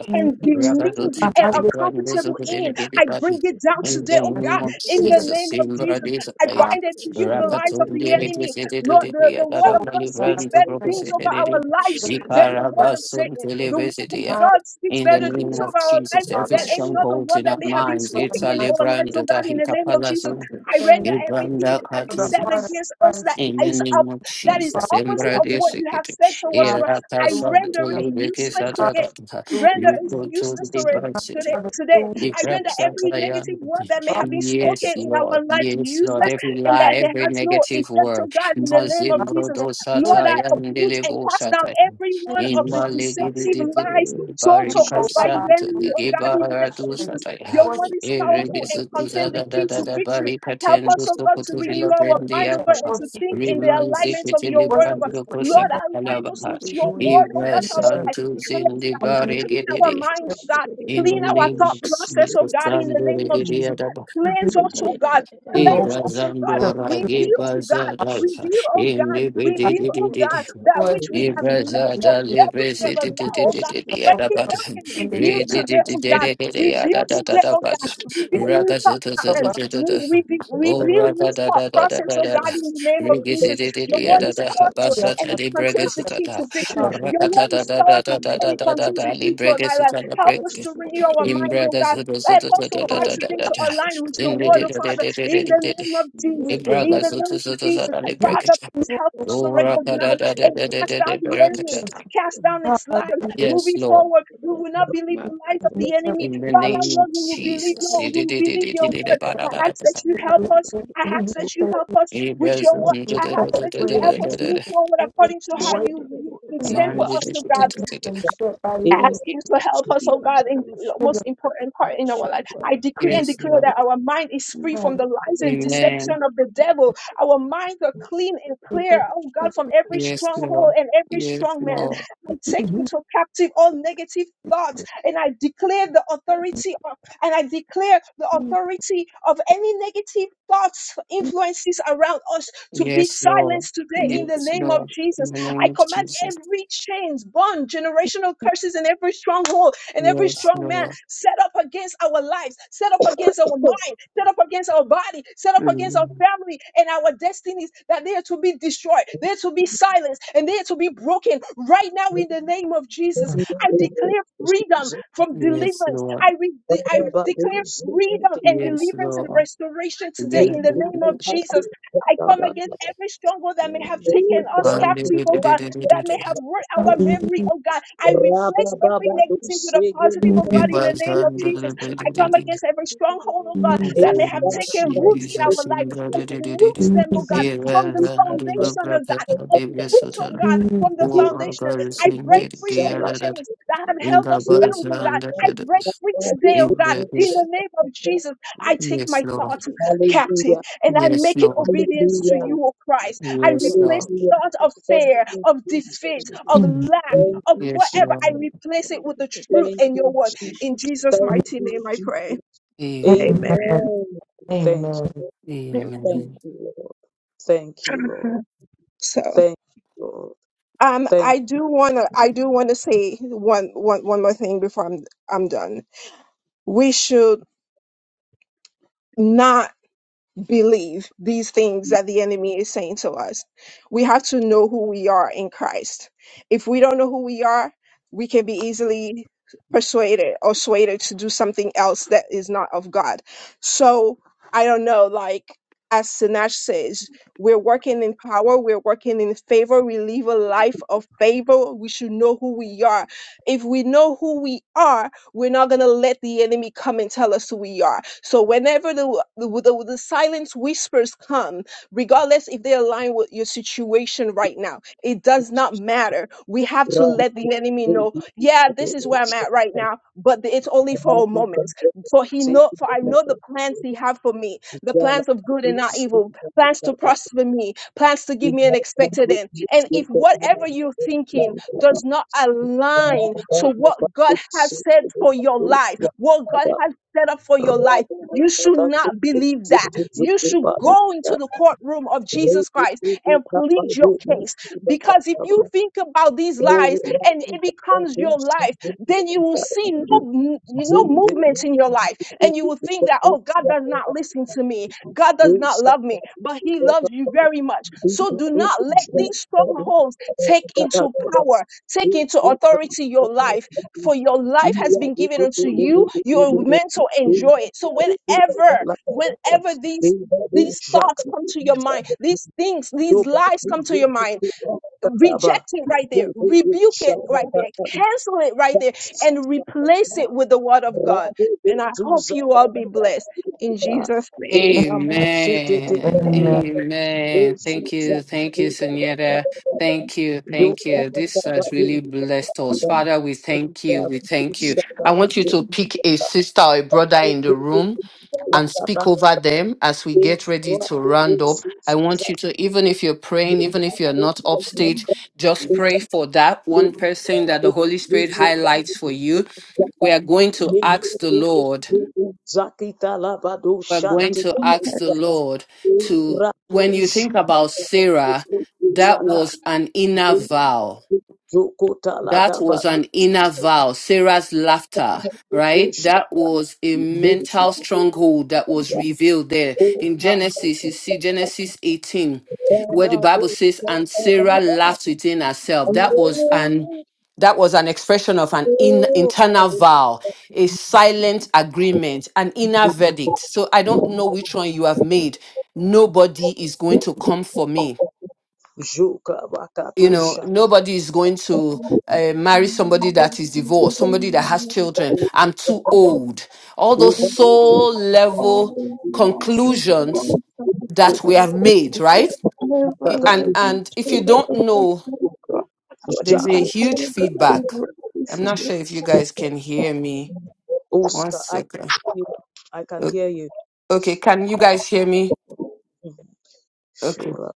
C: to you,
B: and believed
C: the
B: and are
C: hallelujah,
B: comfortable in. I bring it down today, oh
C: and
B: God,
C: we
A: of
C: give
B: in the
A: Jesus,
B: name of Jesus. I
C: the
B: bind and rebuke the lies of the enemy. Lord, the, the word
C: Oh,
B: of God speaks better things over our lives than the
E: Thank
B: word of Satan. The word of God speaks better things over our lives
A: every
B: than any other
A: stronghold
B: word
A: in our
B: that may have been
A: minds, it's
B: spoken
A: a
B: in our
A: librand
B: lives, oh
A: that
B: God,
A: he
B: in the name of Jesus.
A: capalazum,
B: I render everything that has been
A: Ibranda
B: said
C: heart of
B: against us
C: Christ.
B: that
A: in the
B: is up
A: name of
B: that is
C: Hallelujah,
B: the
A: Jesus,
B: opposite of
A: Embradia
B: what you have
A: Sikiti,
B: said to us oh
C: hallelujah,
B: God.
A: Irata
B: I
A: Santo
B: render it
A: Lubiki
B: useless today.
A: Sataka,
B: render it
A: Rico to
B: useless
A: the
B: to it
A: Basit,
B: today. today.
C: hallelujah.
A: Give
B: I render
A: us our
B: every negative
A: triumph.
B: word that may
C: Father,
B: have been
C: I give
B: spoken
A: Yes,
B: in our
A: Lord.
B: lives
A: Yes, Lord.
C: my
B: useless
A: Every
B: and
A: lie,
B: that it
A: every
B: has no
A: negative
B: effect Oh
A: word.
B: God in the name of
A: Mazimbro
B: Jesus.
A: do
C: upset. We'll
B: Lord, I
A: sataya
B: uproot and
A: ndelevo
B: cast down
A: sataya.
B: every
C: sing,
B: one of the
A: Imba
C: I
A: legede
B: deceptive
A: de de de
B: lies
A: de de
B: sold
C: sing
B: to
A: barika
C: over
B: us by the
C: our
A: santo
B: enemy,
A: de
B: oh God, in the
A: gebara do
B: name of
C: praise.
B: Jesus.
A: sataya.
B: Your
C: Worship
B: word is
A: Ere
B: powerful and
A: sutu da
B: contain the
A: da da
B: key
E: you.
A: da
B: to
C: and
A: da
B: victory.
A: barika
C: worship.
B: Help
A: tendo
B: us, oh God,
A: soko
B: to
A: to
B: renew
A: vila
B: our
A: brende
B: mind, oh God,
A: apapa.
B: and to
C: Worship
B: think
C: is
B: in the
A: Riman
B: alignment of
A: zekete
B: your
C: worship
B: word, oh God.
C: is
A: librando
C: what we
B: Lord,
A: kosaka
B: align us
A: alabahar.
B: with
C: make.
B: your
C: Hallelujah.
B: word, oh
A: Ibra
B: God, for our
C: Jesus,
B: life.
A: santo
B: Cleanse
A: zindi
B: our,
C: Jesus,
B: clean our
A: barigede
B: mind, oh God.
A: in the
C: Jesus,
B: Clean our
A: name
B: thought
A: of
B: process, oh
A: Jesus,
B: God, in the
E: Thank
A: Sandora
B: name
E: you.
B: of Jesus.
A: Gidiadaba,
C: we give
B: Cleanse us, oh God.
C: you most
B: Cleanse
A: Ibra
B: us, oh God.
C: of
A: Zandora
C: the
B: Reveal, oh God.
A: Gibazadaka,
B: Reveal, oh
A: in
B: God.
A: the
B: Reveal, oh God,
A: Bididididid,
B: that
C: word.
B: which we have
A: Ibra
B: let go,
A: Zada
C: Jesus,
B: that which we have
C: you
B: allowed,
C: give
B: oh
C: us
B: God. Break
C: the
B: it
A: Libresidididididididididabad,
B: down and
C: opportunity
B: reveal
C: to
B: today, oh God. Reveal today, oh
A: Rididididididididididididabad,
B: God. Reveal
C: sing
B: new thought
C: the
B: and
C: Bible.
B: we,
A: Ragazadadadadadadad,
B: we, be- we
A: O
B: build this pro- process, oh God,
A: Ragadadadadadadad,
B: in the name of Jesus. Your word is
A: Rigisididididididadada,
B: powerful
C: Hallelujah,
B: and it
A: Basatadi
B: contains the key to
A: Bregasatada,
B: victory. Your word is powerful and it contains the
A: Rakatadadadadadadadada,
B: key to my life.
A: Libregasatana
B: Help us to renew our
C: hallelujah.
B: mind, oh
A: Imbraga
B: God.
E: Shit,
A: Soto Soto
B: Help us, oh
A: Soto da
B: God,
C: Oh,
A: da da
B: today
A: da
B: to
A: da
B: align with your
A: Inde
B: word,
A: de
B: oh
A: de de
B: Father,
A: de de
B: in
A: de
B: the
A: de de.
B: name of Jesus. In
A: Ibraga
B: the name
A: Soto
B: of
A: Soto
B: Jesus.
A: Soto
B: Father,
A: Librakata.
B: please help us
C: Jesus,
A: Oh,
B: to
A: Raka da
B: recognize
A: da da.
B: and
A: da da
B: cast
A: da da
B: down the enemy,
A: Brakata.
B: cast down its lies.
C: Hallelujah.
A: Yes,
B: Moving
A: Lord,
B: forward, we will not believe the lies of
C: You
B: the
C: never
B: enemy.
A: in
C: see
A: the
C: how it
B: Father,
A: name of
B: Lord, we will believe
A: Jesus.
B: your, we
A: Ide
B: will
A: de de
B: believe
A: de de
B: your
A: de de
B: word.
A: ba da
B: I
A: da da
B: ask that
A: da.
B: you
C: is. I
B: help
C: am not
B: us.
C: love
B: I
C: you. Who you
B: ask that you
C: say
B: help
C: you
B: us with
A: Ibras
B: your word.
A: da
C: is
B: I
A: da
B: ask
C: back,
A: da da
B: that
A: da
B: you
C: rearrange
B: help
A: da da
B: us
A: da
C: and
B: move
A: da.
B: forward
C: change
B: according to
C: the
B: how
C: way
B: you, you
C: things
B: intend for
A: Man de
B: us
A: de
B: to
A: de
C: and
B: God
A: de
C: have
A: de de.
C: been set by the enemy
B: ask you to help us, oh God, in the
C: in
B: most
C: the
B: important part in our life. I decree and
A: Yes,
B: declare
A: Lord.
B: that
E: Shut
B: our mind is free from
C: past.
B: the lies and
E: Thank
B: deception
A: Amen.
B: of the devil. Our minds are clean and
C: They
B: clear,
C: put
B: oh
C: it
B: God, from every
A: Yes,
B: stronghold
A: Lord.
B: and every
A: Yes,
B: strong man.
A: Lord.
B: I
C: to
B: take
C: be
B: into captive all negative thoughts and I declare the authority of, and I declare the
C: easy.
B: authority of any negative thoughts, influences around us to be
A: Yes, Lord.
B: silenced today in the
A: Yes,
B: name of
A: Lord.
B: Jesus.
A: In the name
B: I
A: of
B: command
A: Jesus.
B: every chains, bond, generational curses in every stronghold and every
A: Yes,
B: strong man
A: Lord.
B: set up against our lives, set up against our mind, set up against our body, set up against our
A: Mm.
B: family and our destinies, that they are to be destroyed, they are to be silenced, and they are to be broken right now in the name of Jesus. I declare freedom from
A: Yes,
B: deliverance.
A: Lord.
B: I, re- I declare freedom and
A: Yes,
B: deliverance and
A: Lord.
B: restoration today in
A: Yes.
B: the name of Jesus. I come against every stronghold that may have taken us captive, oh
A: Undivided,
B: God, that may have robbed our
C: Hallelujah.
B: memory, oh God. I replace every negative with a positive, oh God,
C: Jesus,
B: in the
A: Reverse
B: name of Jesus. I come
A: undivided.
B: against every stronghold, oh God,
A: In
C: Jesus,
A: the
B: that may have
A: name of
B: taken root in our
A: Jesus, in
B: life. Uproot
A: brotherhood.
B: them, oh
C: Jesus,
B: God, from
A: Erase
B: the
A: and
B: foundation of God.
A: lubricate the vessel.
B: Uproot, oh God,
C: Jesus,
B: from the
C: Jesus.
B: foundation.
A: Overgirls
B: I
A: in the
B: break free from
A: dear
B: the chains that have
A: in
B: held
A: the
B: us
A: bus
B: bound, oh
A: and
B: God.
A: the
B: I break
A: others.
B: free today, oh
A: in
B: God,
A: the
B: in
A: bus.
B: the name of Jesus. I take
A: Yes,
B: my
A: Lord.
B: thoughts captive
D: Hallelujah,
B: and I
A: Yes,
B: make it
A: Lord.
B: obedience to
D: hallelujah.
B: you, O Christ. I
A: Yes, Lord.
B: replace
D: Hallelujah.
B: thought of
D: Thank
B: fear,
D: you,
B: of
D: Jesus.
B: defeat, of
C: Amen.
B: lack,
C: Amen.
D: Thank
B: of
D: you,
A: Yes,
D: Jesus.
B: whatever. I
A: Lord.
B: replace it with the truth
D: Thank
B: in your
D: you,
B: word.
D: Jesus.
B: In Jesus'
D: Thank
B: mighty
D: you,
B: name, I pray.
D: Jesus.
B: Amen.
A: Amen.
D: Amen. Thank you. Thank
B: Amen.
A: Amen.
D: you, Lord. Thank you, Lord.
B: So
D: Thank you, Lord.
B: um
D: Thank
B: I do wanna I do wanna say one one one more thing before I'm I'm done. We should not believe these things that the enemy is saying to us. We have to know who we are in Christ. If we don't know who we are, we can be easily persuaded or swayed to do something else that is not of God. So I don't know, like as Sinach says, we're working in power, we're working in favor, we live a life of favor. We should know who we are. If we know who we are, we're not going to let the enemy come and tell us who we are. So whenever the, the, the, the silence whispers come, regardless if they align with your situation right now, it does not matter. We have to let the enemy know, yeah, this is where I'm at right now, but the- it's only for a moment. For he know, for I know the plans he have for me, the plans of good and
D: you,
B: not evil, plans to
D: Jesus.
B: prosper me, plans to give
D: Thank
B: me an expected end. And if whatever you're thinking does not align to what God has said for your life, what God has set up for your life, you should not believe that. You should go into the courtroom of Jesus Christ and plead your case. Because if you think about these lies and it becomes your life, then you will see no, m- no movement in your life. And you will think that, oh, God does not listen to me. God does not love me, but He loves you
D: you.
B: very much.
D: Thank
B: So do not let these strongholds take into power. Take into authority your life, for your life has been given unto you. You are meant to enjoy it. So whenever, whenever these these thoughts come to your mind, these things, these lies come to your mind, reject it right there, rebuke it right there, cancel it right there, and replace
D: you.
B: it with the word of God.
D: Rabu
B: And I hope
D: Bezuza
B: you all be blessed in Jesus' name.
D: Erama Shetete
A: Amen.
C: Amen.
A: Amen. Thank
D: Bezuza
A: you. Thank you, Senora. Thank you. Thank
D: Yoga
A: you. This has really blessed us. Father, we thank you. We thank you. I want you to pick a sister or a brother in the room and speak over them as we get ready to round up. I want you to, even if you're praying, even if you're not upstage, just
D: Thank
A: pray for that one person that the Holy Spirit highlights for you. We are going to ask the Lord
D: Zakita labado
A: we're going
D: shanti
A: to ask the Lord to, when you think about Sarah, that
D: zaka
A: was an inner vow.
D: zokota
A: That
D: lagaba
A: was an inner vow, Sarah's laughter, right? That was a mental stronghold that was revealed there. In Genesis, you see Genesis 18, where the Bible says, and Sarah laughed within herself. That was an that was an expression of an in, internal vow, a silent agreement, an inner verdict. So I don't know which one you have made. Nobody is going to come for me
D: Joka bakatu
A: you know nobody is going to uh, marry somebody that is divorced somebody that has children i'm too old all those soul
B: all
A: level
B: things lies and
A: conclusions
B: telling the Father
A: that we have made
B: God
A: right
B: ever
A: I- and
D: shaka
B: living
A: and if you
B: total
A: don't
B: of the
A: know
B: Son of God. God,
A: there's
B: you are
A: a huge
B: Father God, you
A: feedback
B: were this
A: i'm not
B: day.
A: sure if you guys can hear me one
D: Uska, I can
A: second
D: hear you. I can
A: O-
D: hear you.
A: okay can you guys hear me okay
D: Shura,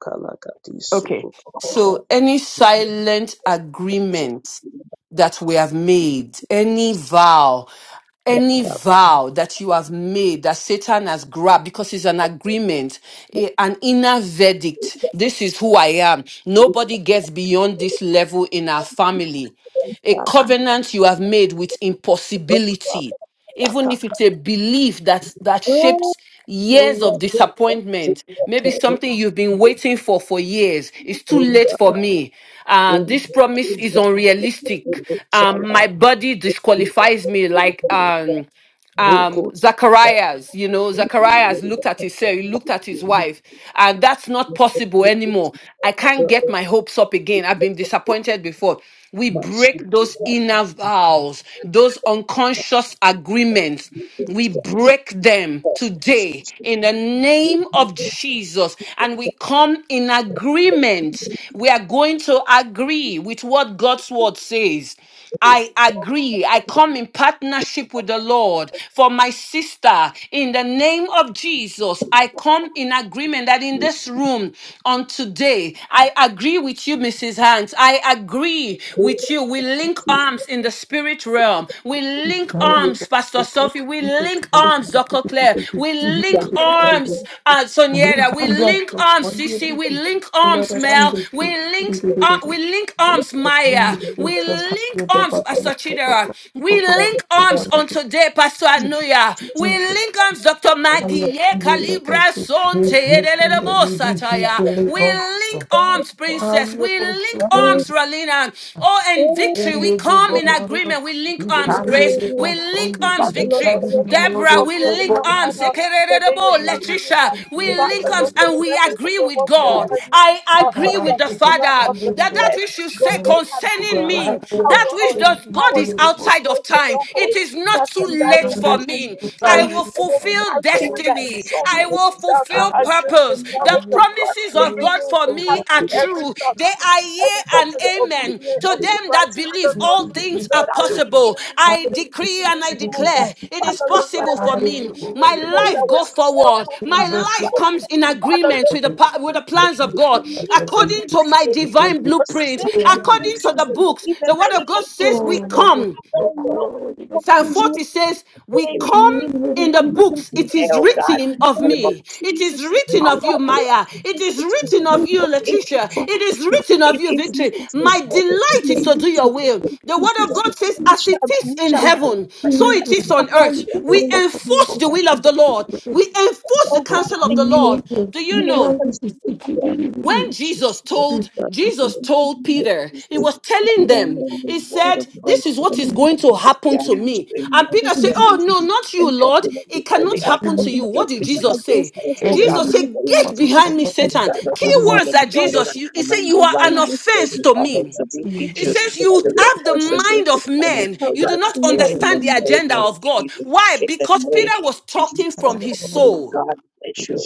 D: Kalakati,
A: okay
D: Sukupara,
A: so any silent agreement that we have made, any vow any vow that you have made that Satan has grabbed because it's an agreement, a- an inner verdict. This is who I am. Nobody gets beyond this level in our family. A covenant you have made with impossibility even if it's a belief that that shapes years of disappointment maybe something you've been waiting for for years it's too late for me uh this promise is unrealistic um my body disqualifies me like um um Zacharias, you know, Zacharias looked at his Sarah, he looked at his wife, and that's not possible anymore. I can't get my hopes up again. I've been disappointed before. We break those inner vows, those unconscious agreements. We break them today in the name of Jesus, and we come in agreement. We are going to agree with what God's word says. I agree. I come in partnership with the Lord for my sister. In the name of Jesus, I come in agreement that in this room on today, I agree with you, Mrs. Hanks. I agree with you. We link arms in the spirit realm. We
C: You
A: link
C: not to your
A: arms,
C: best
A: Pastor
C: before
A: Sophie. We
C: you come to
A: link arms, Dr. Claire. We link
C: the first.
A: arms, uh, Onyeda. We
C: Ribanda
A: link arms,
C: sokoye
A: Sisi. We link arms,
C: kuchilera
A: Mel.
C: rande
A: We link, uh,
C: sikiririririri.
A: we link arms, Maya. We link
C: Sakaye
A: arms,
C: bebakala
A: Pastor
C: sokoye
A: Chidera.
C: Sakaye kanye
A: We
C: bebakala
A: link arms
C: sokoye
A: on today, Pastor Anuya. We link arms, Dr. Maggie. Ye Kalibra Sonte Edelelebo
C: bebakala
A: Sataya. We
C: sokoye
A: link arms, Princess.
C: Sakaye
A: We
C: bosu
A: link
D: Oh, yeah.
C: kwari
A: arms, Ralina. Oh, and
D: Oh,
A: victory. We
C: Ende de
A: come in
C: bono tos
A: agreement. We link arms,
B: with the
C: Ikande
A: grace.
C: de
B: radio,
A: We
B: God.
A: link
C: bosondu
A: arms,
B: Father, Lord, for
A: victory.
B: the
C: Ikande
B: weapons
C: de
B: of the
A: Deborah,
C: bono
A: we
B: warfare are
A: link
B: not
C: sokoye
B: kind
A: arms.
B: of
C: Ikande
B: so they are
A: Ekererebo,
B: mighty, O
A: Letitia,
B: God.
A: we
C: de
A: link
B: Father, Lord,
A: arms
C: bono
B: for
A: and
B: the
A: we
B: weapons of
A: agree
B: the
A: with
B: warfare
C: sokoye
A: God.
B: are not,
A: I
B: are,
C: Oh,
A: agree
B: are,
A: with the
C: the
B: are
C: book,
B: not
A: Father
B: of the
A: that that
B: flesh,
A: which you
B: but
A: say
B: they have
A: concerning me,
B: divine
A: that
B: power
A: which
B: or
A: does God
B: power
A: is
B: to
A: outside
B: destroy
A: of time. It
B: strongholds,
A: is not too
B: casting down
A: late for me. I
B: imagination
A: will
B: and every
A: fulfill
B: high thing that
A: destiny.
B: exalts
A: I will
B: itself
A: fulfill
B: against
A: purpose
B: the
A: miracles. The
B: knowledge of God
A: promises
B: and
A: of
B: bringing
A: God for
B: into
A: me are
B: captive every
A: true.
B: thought,
A: They are yea
B: every thought
A: and
B: to the
A: amen.
B: obedience
A: To
B: of
A: them that
B: Christ. Father,
A: believe,
B: Lord.
A: all things
B: Lord,
A: are
B: I
A: possible.
B: repent to the
A: I
B: ladies
A: decree
B: in
A: and
B: this
A: I
B: room, oh God.
A: declare it is
B: Father, Lord,
A: possible
B: whatever
A: for me.
B: thinking was
A: My
B: told, I
A: life
B: was
A: go
B: self,
A: forward.
B: oh God.
A: My life
B: Father,
A: comes in
B: Father,
A: agreement
B: Lord,
A: with the
B: we,
A: pa-
B: we,
A: with the
B: we,
A: plans
B: we
A: of God,
B: we leave those
A: according to
B: things
A: my
B: today.
A: divine
B: We
A: blueprint,
B: forsake those
A: according
B: things
A: to the
B: today.
A: books.
B: In the
A: The word of
B: name
A: God
B: of
A: says we
B: Jesus,
A: come.
B: Father,
C: so
B: Lord,
C: cool. What
B: we
C: do you
B: come
A: Psalm
B: to
C: think?
B: you.
A: 40 says, We
B: They will
C: You
B: be
A: come
C: really
A: in the books.
C: people
A: It
B: today,
A: is
B: oh God.
A: written
B: In
A: of
B: the name of
A: me. It
B: Jesus,
A: is written
B: Father,
A: of you,
B: Lord, we
A: Maya. It
B: come
A: is
B: to
A: written
B: you.
A: of you,
B: It
A: Letitia.
B: is
A: It is
B: rich.
A: written of
B: It
A: you,
B: is
A: Victory.
B: rich.
A: My delight is to do your
B: Exactly.
A: will. The word of
B: Exactly.
A: God says, As
B: Which
A: it
B: I
A: is
B: which
A: in
B: I would
A: heaven,
B: but
A: so
B: you know, I
A: it is on
B: found out
A: earth.
B: that I
A: We
B: was just moving
A: enforce the will of
B: on.
A: the Lord. We enforce the
B: Oh God,
A: counsel of the
B: thank you.
A: Lord. Do you
B: We are
A: know?
B: first in
A: when Jesus
B: the
A: told Jesus told Peter, he
B: Jesus.
A: was
B: To
A: telling
B: stand
A: them,
B: on the
A: he
B: word
A: said,
B: of God
A: This is what
B: and
A: is
B: the
A: going
B: us
A: to
B: of
A: happen
B: stand
A: to
B: in
A: me.
B: strength in
A: And
B: order
A: Peter
B: to
A: said,
B: be
A: Oh no,
B: easy.
A: not you,
B: And for
A: Lord.
B: the Lord,
A: It
B: before they
A: cannot
B: are
A: happen to you.
B: talking
A: What did
B: justice
A: Jesus say?
B: against us, oh God,
A: Jesus
B: in the
A: said,
B: name of
A: Get
B: Jesus,
A: behind me,
B: I
A: Satan.
B: stand on
A: Key
B: the word
A: words
B: of
A: that
B: God and
A: Jesus
B: I
A: you he said,
B: command
A: You
B: the
A: are an
B: line with them
A: offense
B: in
A: to
B: order
A: me.
B: to be
A: It
B: issued.
A: says you
B: Father, we are
A: have the
B: forced
A: mind
B: against the
A: of
B: time of
A: men. You do not
B: harassment in the
A: understand the
B: name
A: agenda
B: of
A: of God.
B: Jesus,
A: Why?
B: in the
A: Because Peter
B: name of
A: was
B: Jesus
A: talking from
B: Christ.
A: his
B: Oh
A: soul.
B: God, bless you.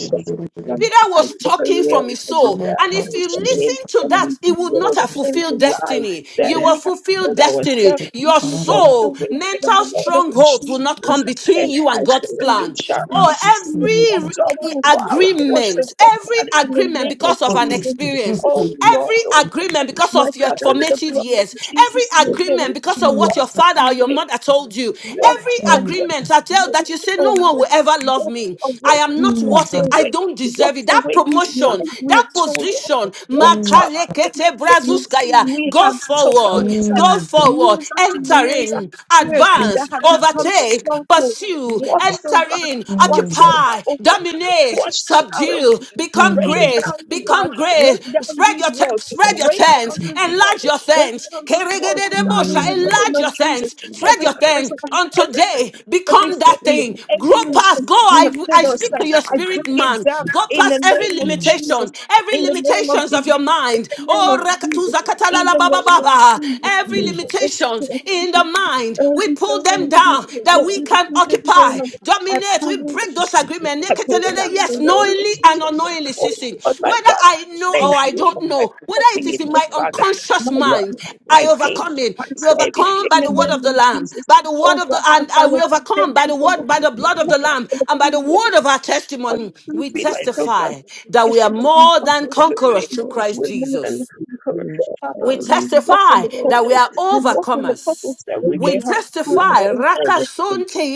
A: Peter
B: I
A: was talking
B: declare
A: from his
B: to be
A: soul.
B: there,
A: And
B: no
A: if you
B: shame,
A: listen to
B: and
A: that, it would not
B: Lord,
A: have
B: and
A: fulfilled
B: realize
A: destiny. You
B: that
A: will
B: we have
A: fulfill
B: set
A: destiny.
B: ourselves and
A: Your
B: we walk the
A: soul,
B: way by the
A: mental
B: blood of
A: strongholds will not come
B: Jesus.
A: between
B: And
A: you
B: I
A: and
B: say,
A: God's
B: and we
A: plan.
B: shall
A: Oh,
B: receive
A: every re-
B: double for our portion
A: agreement,
B: of
A: every
B: God in the
A: agreement
B: name of
A: because of an
B: Jesus. Oh
A: experience,
B: Lord, oh
A: every agreement because
B: my
A: of your
B: Father, with the
A: formative
B: blood of
A: years,
B: Jesus,
A: every
B: look at us,
A: agreement because of what
B: walk
A: your father or
B: away
A: your your mother told you.
B: Wash
A: Every
B: away,
A: agreement I
B: wash
A: tell that you say, No
B: away,
A: one will ever love
B: wash
A: me. I
B: away,
A: am not
B: wash
A: worth it. I
B: away,
A: don't
B: wash
A: deserve it. That
B: away these
A: promotion,
B: lies we have
A: that
B: told us.
A: position,
B: Wash away
A: makalekete
B: these lies
A: brazuskaya,
B: we
A: go
B: have told
A: forward,
B: ourselves
A: go forward,
B: years after
A: enter
B: years
A: in,
B: after years that
A: advance,
B: have become
A: overtake,
B: strongholds.
A: pursue,
B: Wash,
A: enter
B: oh God,
A: in,
B: wash it out,
A: occupy,
B: oh God,
A: dominate,
B: wash it out, oh
A: subdue,
B: God.
A: become
B: break
A: great,
B: down, oh
A: become
B: God,
A: become great.
B: break down
A: Spread
B: these
A: your te-
B: walls,
A: spread your
B: break down
A: tents,
B: these walls.
A: enlarge your
B: Break
A: tents.
B: down these walls, oh God,
A: Keregedebosha,
B: in the name
A: Enlarge
B: of
A: your
B: Jesus
A: tents, spread
B: every
A: your tents.
B: crucifix,
A: On
B: every curse,
A: today,
B: every
A: become that
B: sin,
A: thing. Grow
B: every
A: past.
B: life
A: Go.
B: you have
A: I I
B: filled us
A: speak
B: up.
A: to your
B: I
A: spirit,
B: bring it
A: man.
B: down
A: Go
B: in the
A: past every
B: name of Jesus,
A: limitation, every
B: in the
E: you.
B: name of
A: limitations of
B: Jesus,
A: your
B: in
A: mind.
B: the name
A: Oh,
B: of Jesus,
A: rakatuza
B: in
A: katalala
B: the
A: baba
B: name of
A: baba.
B: Jesus.
A: Every
B: Yes,
A: limitations
B: Lord, thank
A: in
B: you.
A: the mind,
B: Thank
A: we
B: you
A: pull
B: so
A: them down.
B: much.
A: That
B: Let
A: we we
B: me be
A: can
B: considered very
A: occupy,
B: much. I
A: dominate. We break
B: pray.
A: those agreements.
B: I pull it down in the
A: Yes,
B: name of
A: knowingly and
B: Jesus.
A: unknowingly,
B: Oh,
A: ceasing.
B: oh my
A: Whether
B: God,
A: I know
B: thank
A: or I
B: you for
A: don't
B: my
A: know, whether it
B: forgiveness,
A: is in
B: my
A: my
B: Father,
A: unconscious
B: my
A: mind,
B: Lord, my
A: I
B: King,
A: overcome it.
B: my
A: We
B: Savior,
A: overcome
B: in
A: by
B: the
A: the word
C: Mm.
B: name
A: of the
B: of
A: Lamb,
B: Jesus.
A: by the word
B: Oh
A: of the
B: God, my
A: and I
B: Father,
A: will
B: thank
A: overcome by
B: you
A: the
B: for your
A: word, by the blood of
B: privilege,
A: the Lamb,
B: for the
A: and by the
B: privilege,
A: word of our
B: for
A: testimony.
B: the
A: We
B: privilege, oh God.
A: testify that we
B: Yes,
A: are
B: Lord, we
A: more
B: walk
A: than
B: with your
A: conquerors
B: name.
A: through
E: Oh,
A: Christ
B: We're more than
A: Jesus.
E: shit.
B: a conqueror. Father,
A: We
B: we walk in
A: testify
B: the
A: that
E: Oh,
A: we
B: purpose.
A: are
B: We
E: Jesus.
B: walk in the
A: overcomers.
B: purpose that which
A: We
B: you have put us
A: testify,
B: in service.
A: Rakasonte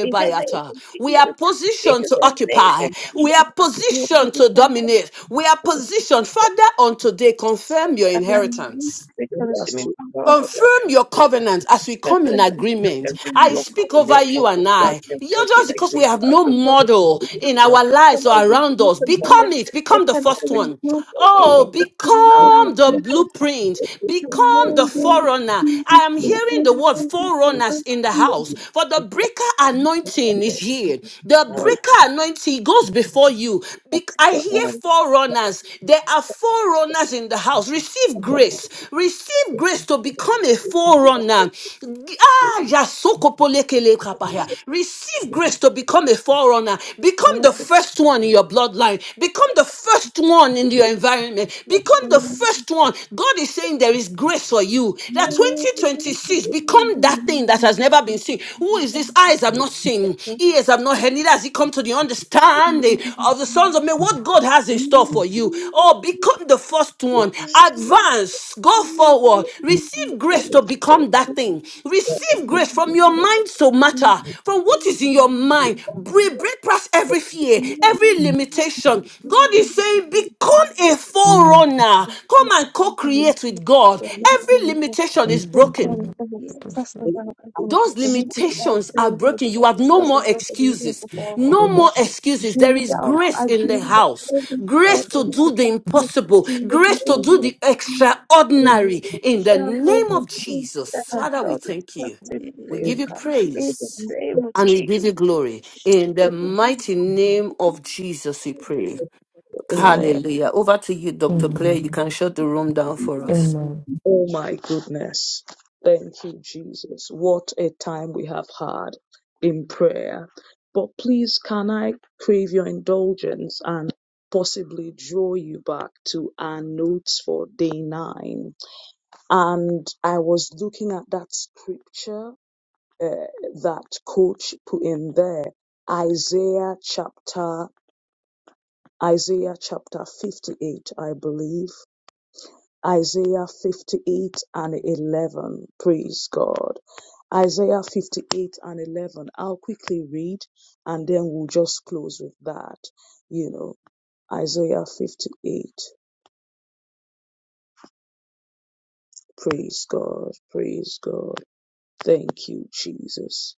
B: In the name of
A: We are
B: Jesus, in
A: positioned to
B: the name
A: occupy.
B: of
A: We
B: Jesus,
A: are
B: you will
A: positioned to
B: become
A: dominate. We are positioned, Father, on today, confirm your
B: a release
A: inheritance.
B: the consuming power of
A: Confirm your
B: love.
A: covenant as we
B: That's
A: come in
B: why it's not
A: agreement.
B: every
A: I
B: yoke of
A: speak over you
B: network of
A: and I.
B: darkness
A: You're
B: working
A: just because we
B: against
A: have
B: us,
A: no
B: O God.
A: model
B: We
A: in
B: cannot,
A: our
B: we
A: lives
B: cannot
A: or around
B: reduce
A: us.
B: or do
A: Become
B: it.
A: it.
B: It
A: Become the
B: cannot
A: first
B: reduce
A: one.
B: or do it.
A: Oh,
B: It cannot
A: become the
B: reduce or do it.
A: blueprint.
B: It cannot
A: Become the
B: reduce
A: forerunner. I am hearing the word
B: or
A: forerunners in the house. For the breaker anointing is
B: do
A: here.
B: it.
A: The
B: Lord,
A: breaker anointing goes before you. Bec-
B: that's
A: I
B: the
A: hear
B: Lord.
A: forerunners runners. There are forerunners in the house. Receive grace. Receive grace to become a forerunner. Ah, yasokopolekelekapaya. Receive grace to become a forerunner. Become
B: Lord,
A: the first one in your bloodline. Become the first one in your environment. Become the
B: Lord,
A: first one. God is saying there is grace for you. That 2026, become that thing that has never been seen. Who is this? Eyes have not seen, ears have ears have not heard, neither has it come to the understanding of the sons of men what God has in store for you. Oh, become the first one. Advance. Go forward. Receive grace to become that thing. Receive grace from your mind to matter. From what is in your mind. Break, break past every fear, every limitation. God is saying, become a
C: Mm.
A: forerunner. Come and co create with God. Every limitation is
C: Let's be
A: broken.
C: condemned with us.
B: Express
E: Yes.
B: about how to
A: Those
B: identify
A: limitations are
B: the
A: broken. You have
B: expressive
A: no more
E: Shakaya,
B: structures of the universe
A: excuses.
B: of
A: No more
E: shakaya,
A: excuses. There
B: bring
A: is
B: down,
A: grace
B: I
A: in the
B: bring down
A: house.
B: every
A: Grace
B: thought and
A: to do the
B: projection
E: oh,
A: impossible.
B: in
E: shaka,
B: the
A: Grace to do
B: name of
A: the
B: Jesus. I
A: extraordinary.
B: bring
A: In the
E: shakaya.
B: down
A: name of
B: everything
A: Jesus.
B: that has
A: Father, we
B: felt
A: thank you.
B: destructive
E: Thank
A: We
B: today, oh
A: give
E: you,
A: you
B: God. In the
A: praise
E: Jesus.
B: name of
A: and we give
B: Jesus.
A: you
E: Oh,
A: glory. In the mighty name of Jesus, we pray.
B: Amen.
D: Amen.
A: Hallelujah. Over to you, Dr.
E: shakaya.
A: Claire. You
C: Amen.
A: can shut the room down for us.
C: Amen.
D: Oh my goodness. Thank you, Jesus. What a time we have had in prayer. But please, can I crave your indulgence and possibly draw you back to our notes for day nine? And I was looking at that scripture uh, that coach put in there. Isaiah chapter Isaiah chapter 58, I believe. Isaiah 58 and 11. Praise God. Isaiah 58 and 11. I'll quickly read and then we'll just close with that. You know, Isaiah 58. Praise God. Praise God. Thank you, Jesus.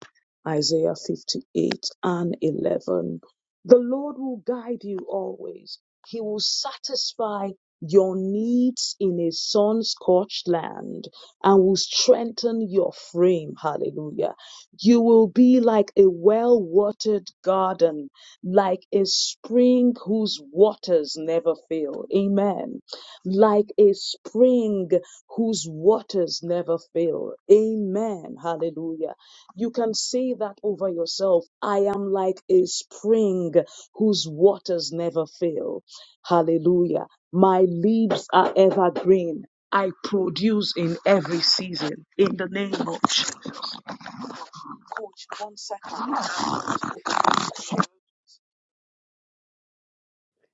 D: Isaiah 58 and 11. The Lord will guide you always. He will satisfy your needs in a sun-scorched land and will strengthen your frame. Hallelujah. You will be like a well-watered garden, like a spring whose waters never fail. Amen. Like a spring whose waters never fail. Amen. Hallelujah. You can say that over yourself. I am like a spring whose waters never fail. Hallelujah. My leaves are evergreen. I produce in every season. In the name of Jesus. Coach, one second.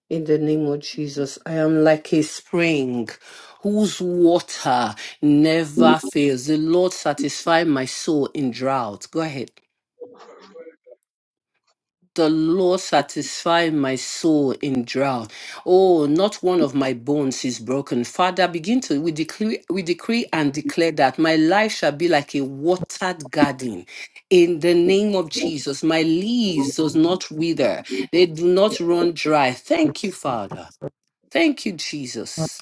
A: In the name of Jesus, I am like a spring whose water never fails. The Lord satisfy my soul in drought. Go ahead. The Lord satisfy my soul in drought. Oh, not one of my bones is broken. Father, begin to we decree, we decree and declare that my life shall be like a watered garden. In the name of Jesus, my leaves does not wither. They do not run dry. Thank you, Father. Thank you, Jesus.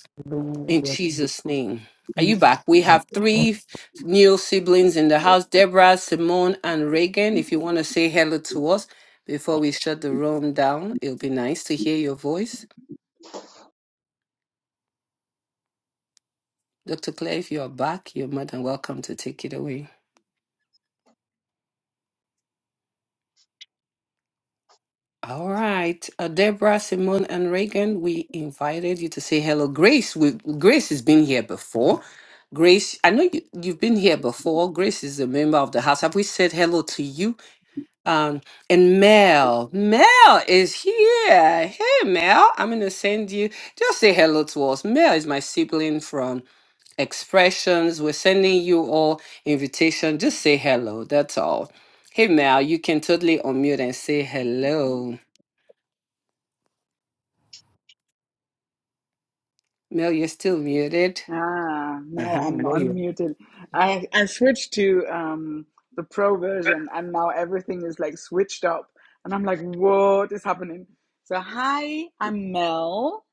A: In
C: Hallelujah.
A: Jesus' name. Are you
C: Please.
A: back? We have
C: Amen.
A: three new siblings in the house Deborah, Simone, and Reagan. If you want to say hello to us before we shut the room down, it'll be nice to hear your voice. Dr. Claire, if you are back, you're more than welcome to take it away. All right. Uh, Deborah, Simone, and Reagan, we invited you to say hello. Grace, we, Grace has been here before. Grace, I know you, you've been here before. Grace is a member of the house. Have we said hello to you? Um, and Mel, Mel is here. Hey, Mel, I'm going to send you, just say hello to us. Mel is my sibling from Expressions. We're sending you all invitation. Just say hello. That's all. Hey, Mel, you can totally unmute and say hello.
F: Ah, now I'm unmuted. I I switched to um the pro version and now everything is like switched up and I'm like, what is happening? So hi, I'm Mel.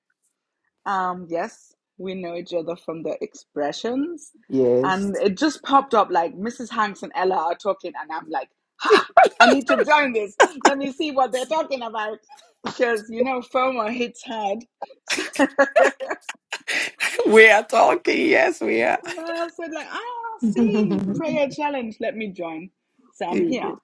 F: Um yes, we know each other from the expressions. And it just popped up like Mrs. Hanks and Ella are talking and I'm like, ha, I need to join this. Let me see what they're talking about. Because you know FOMO hits hard.
A: We are talking. Yes, we are.
F: And I said, like, I don't see prayer challenge. Let me join. So I'm here.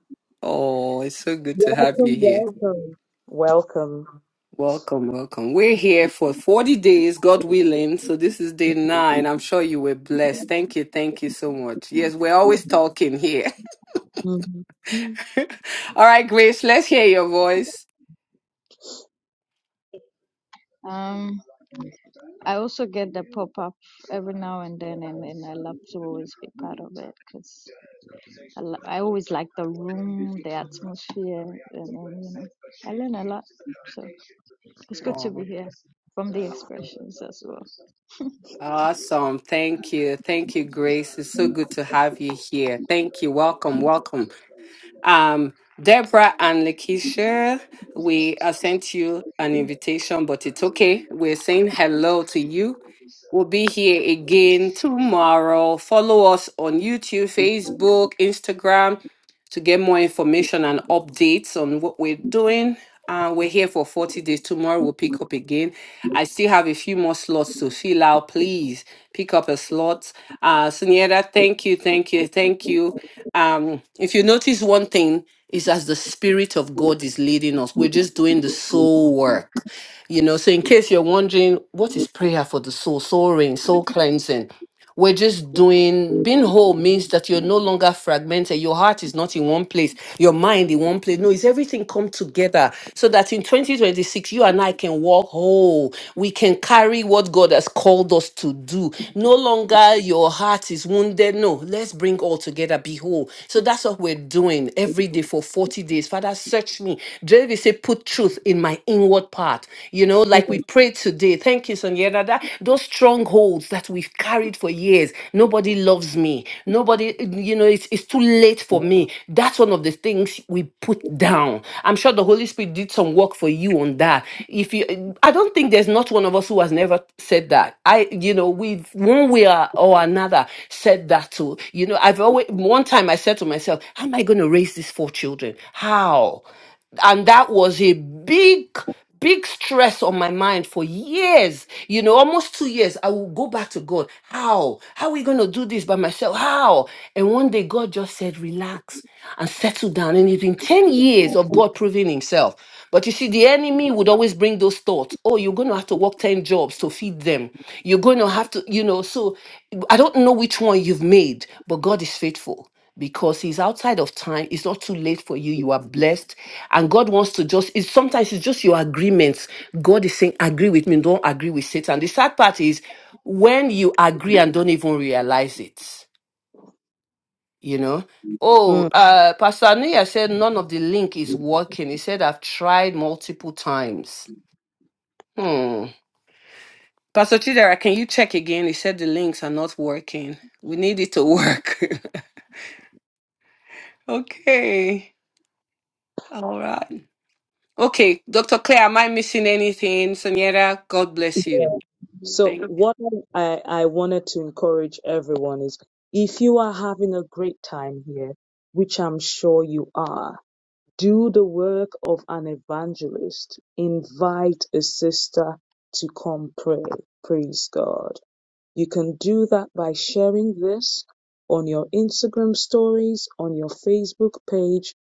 A: Oh, it's so good to have you
D: Welcome,
A: here.
D: welcome. Welcome.
A: Welcome, welcome. We're here for 40 days, God willing. So this is day nine. I'm sure you were blessed. Thank you. Thank you so much. Yes, we're always talking here. All right, Grace, let's hear your voice.
G: Um, I also get the pop up every now and then, and then I love to always be part of it because I, li- I always like the room, the atmosphere, and then you know, I learn a lot. So it's good
A: Aw.
G: to be here from the expressions as well.
A: Awesome. Thank you. Thank you, Grace. It's so good to have you here. Thank you. Welcome. Welcome. Um, Deborah and Lakeisha, we uh, sent you an invitation, but it's okay. We're saying hello to you. We'll be here again tomorrow. Follow us on YouTube, Facebook, Instagram to get more information and updates on what we're doing. Uh, we're here for 40 days. Tomorrow we'll pick up again. I still have a few more slots to fill out. Please pick up a slot. Uh, Suniera, thank you, thank you, thank you. Um, if you notice one thing, is as the Spirit of God is leading us. We're just doing the soul work. You know, so in case you're wondering, what is prayer for the soul? Soul rain, soul cleansing. We're just doing being whole means that you're no longer fragmented. Your heart is not in one place, your mind in one place. No, it's everything come together so that in 2026 you and I can walk whole. We can carry what God has called us to do. No longer your heart is wounded. No, let's bring all together. Be whole. So that's what we're doing every day for 40 days. Father, search me. Maybe say put truth in my inward part. You know, like we
D: Mhm.
A: prayed today. Thank you, Sonia. That, that- those strongholds that we've carried for years. Nobody loves me. Nobody, you know, it's, it's too late for me. That's one of the things we put down. I'm sure the Holy Spirit did some work for you on that. If you, I don't think there's not one of us who has never said that. I, you know, we've one way or or another said that too. You know, I've always one time I said to myself, "How am I going to raise these four children? How?" and that was a big big stress on my mind for years you know almost two years i will go back to god how how will I do this by myself how and one day god just said relax and settle down and it intense of God proving himself. But you see, the enemy would always bring those thoughts. Oh, you're going to have to work 10 jobs to feed them. You're going to have to, you know. So I don't know which one you've made, but God is faithful because he's outside of time it's not too late for you you are blessed and god wants to just it's sometimes it's just your agreements god is saying agree with me don't agree with satan the sad part is when you agree and don't even realize it you know. Oh, uh, Pastor Anuya said none of the link is working. He said, I've tried multiple times. Hmm. Pastor Chidera, can you check again? He said the links are not working. We need it to work. okay. All right. Okay, Dr. Claire, am I missing anything? Soniera, God bless you.
D: So
A: Thank
D: what I, I wanted to encourage everyone is if you are having a great time here, which I'm sure you are, do the work of an evangelist. Invite a sister to come pray. Praise God. You can do that by sharing this on your Instagram stories, on your Facebook page.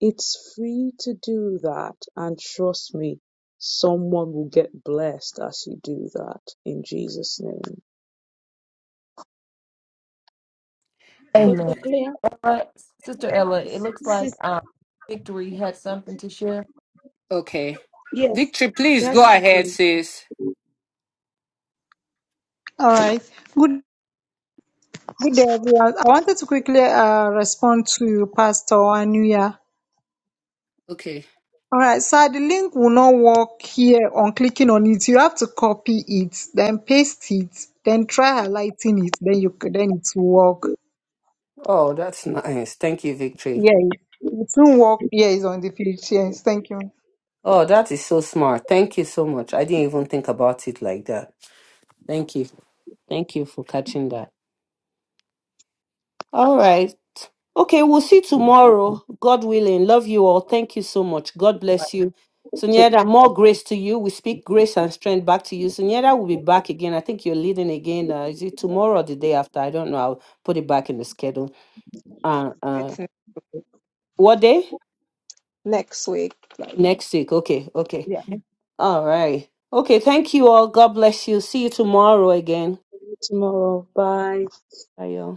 D: It's free to do that. And trust me, someone will get blessed as you do that in Jesus' name.
A: you.
C: Amen.
E: Dr. Claire,
C: All right, Sister Ella, it looks
E: sis,
C: like um, Victory had something to share.
A: Okay.
E: yes,
A: Victory, please
E: share
A: go ahead,
E: something.
A: sis.
H: All right. Good, good day, everyone. I wanted to quickly uh, respond to Pastor Anuya.
A: Okay.
H: All right, so the link will not work here on clicking on it. You have to copy it, then paste it, then try highlighting it, then you c- then it will work.
A: Oh, that's nice. Thank you, Victory.
H: Yeah, it it will work. Yeah, it's on the page. Yes, thank you.
A: Oh, that is so smart. Thank you so much. I didn't even think about it like that. Thank you. Thank you for catching that. All right. Okay, we'll see tomorrow. God willing. Love you all. Thank you so much. God bless you.
D: Take
A: Sunyeda, more grace to you. We speak grace and strength back to you. Sunyeda will be back again. I think you're leading again. Uh, is it tomorrow or the day after? I don't know. I'll put it back in the schedule. Uh, uh, what day?
B: Next week, like,
A: Next week. Okay. Okay.
B: yeah.
A: All right. Okay. Thank you all. God bless you. See you tomorrow again.
D: care tomorrow. Bye.
A: Bye, y'all.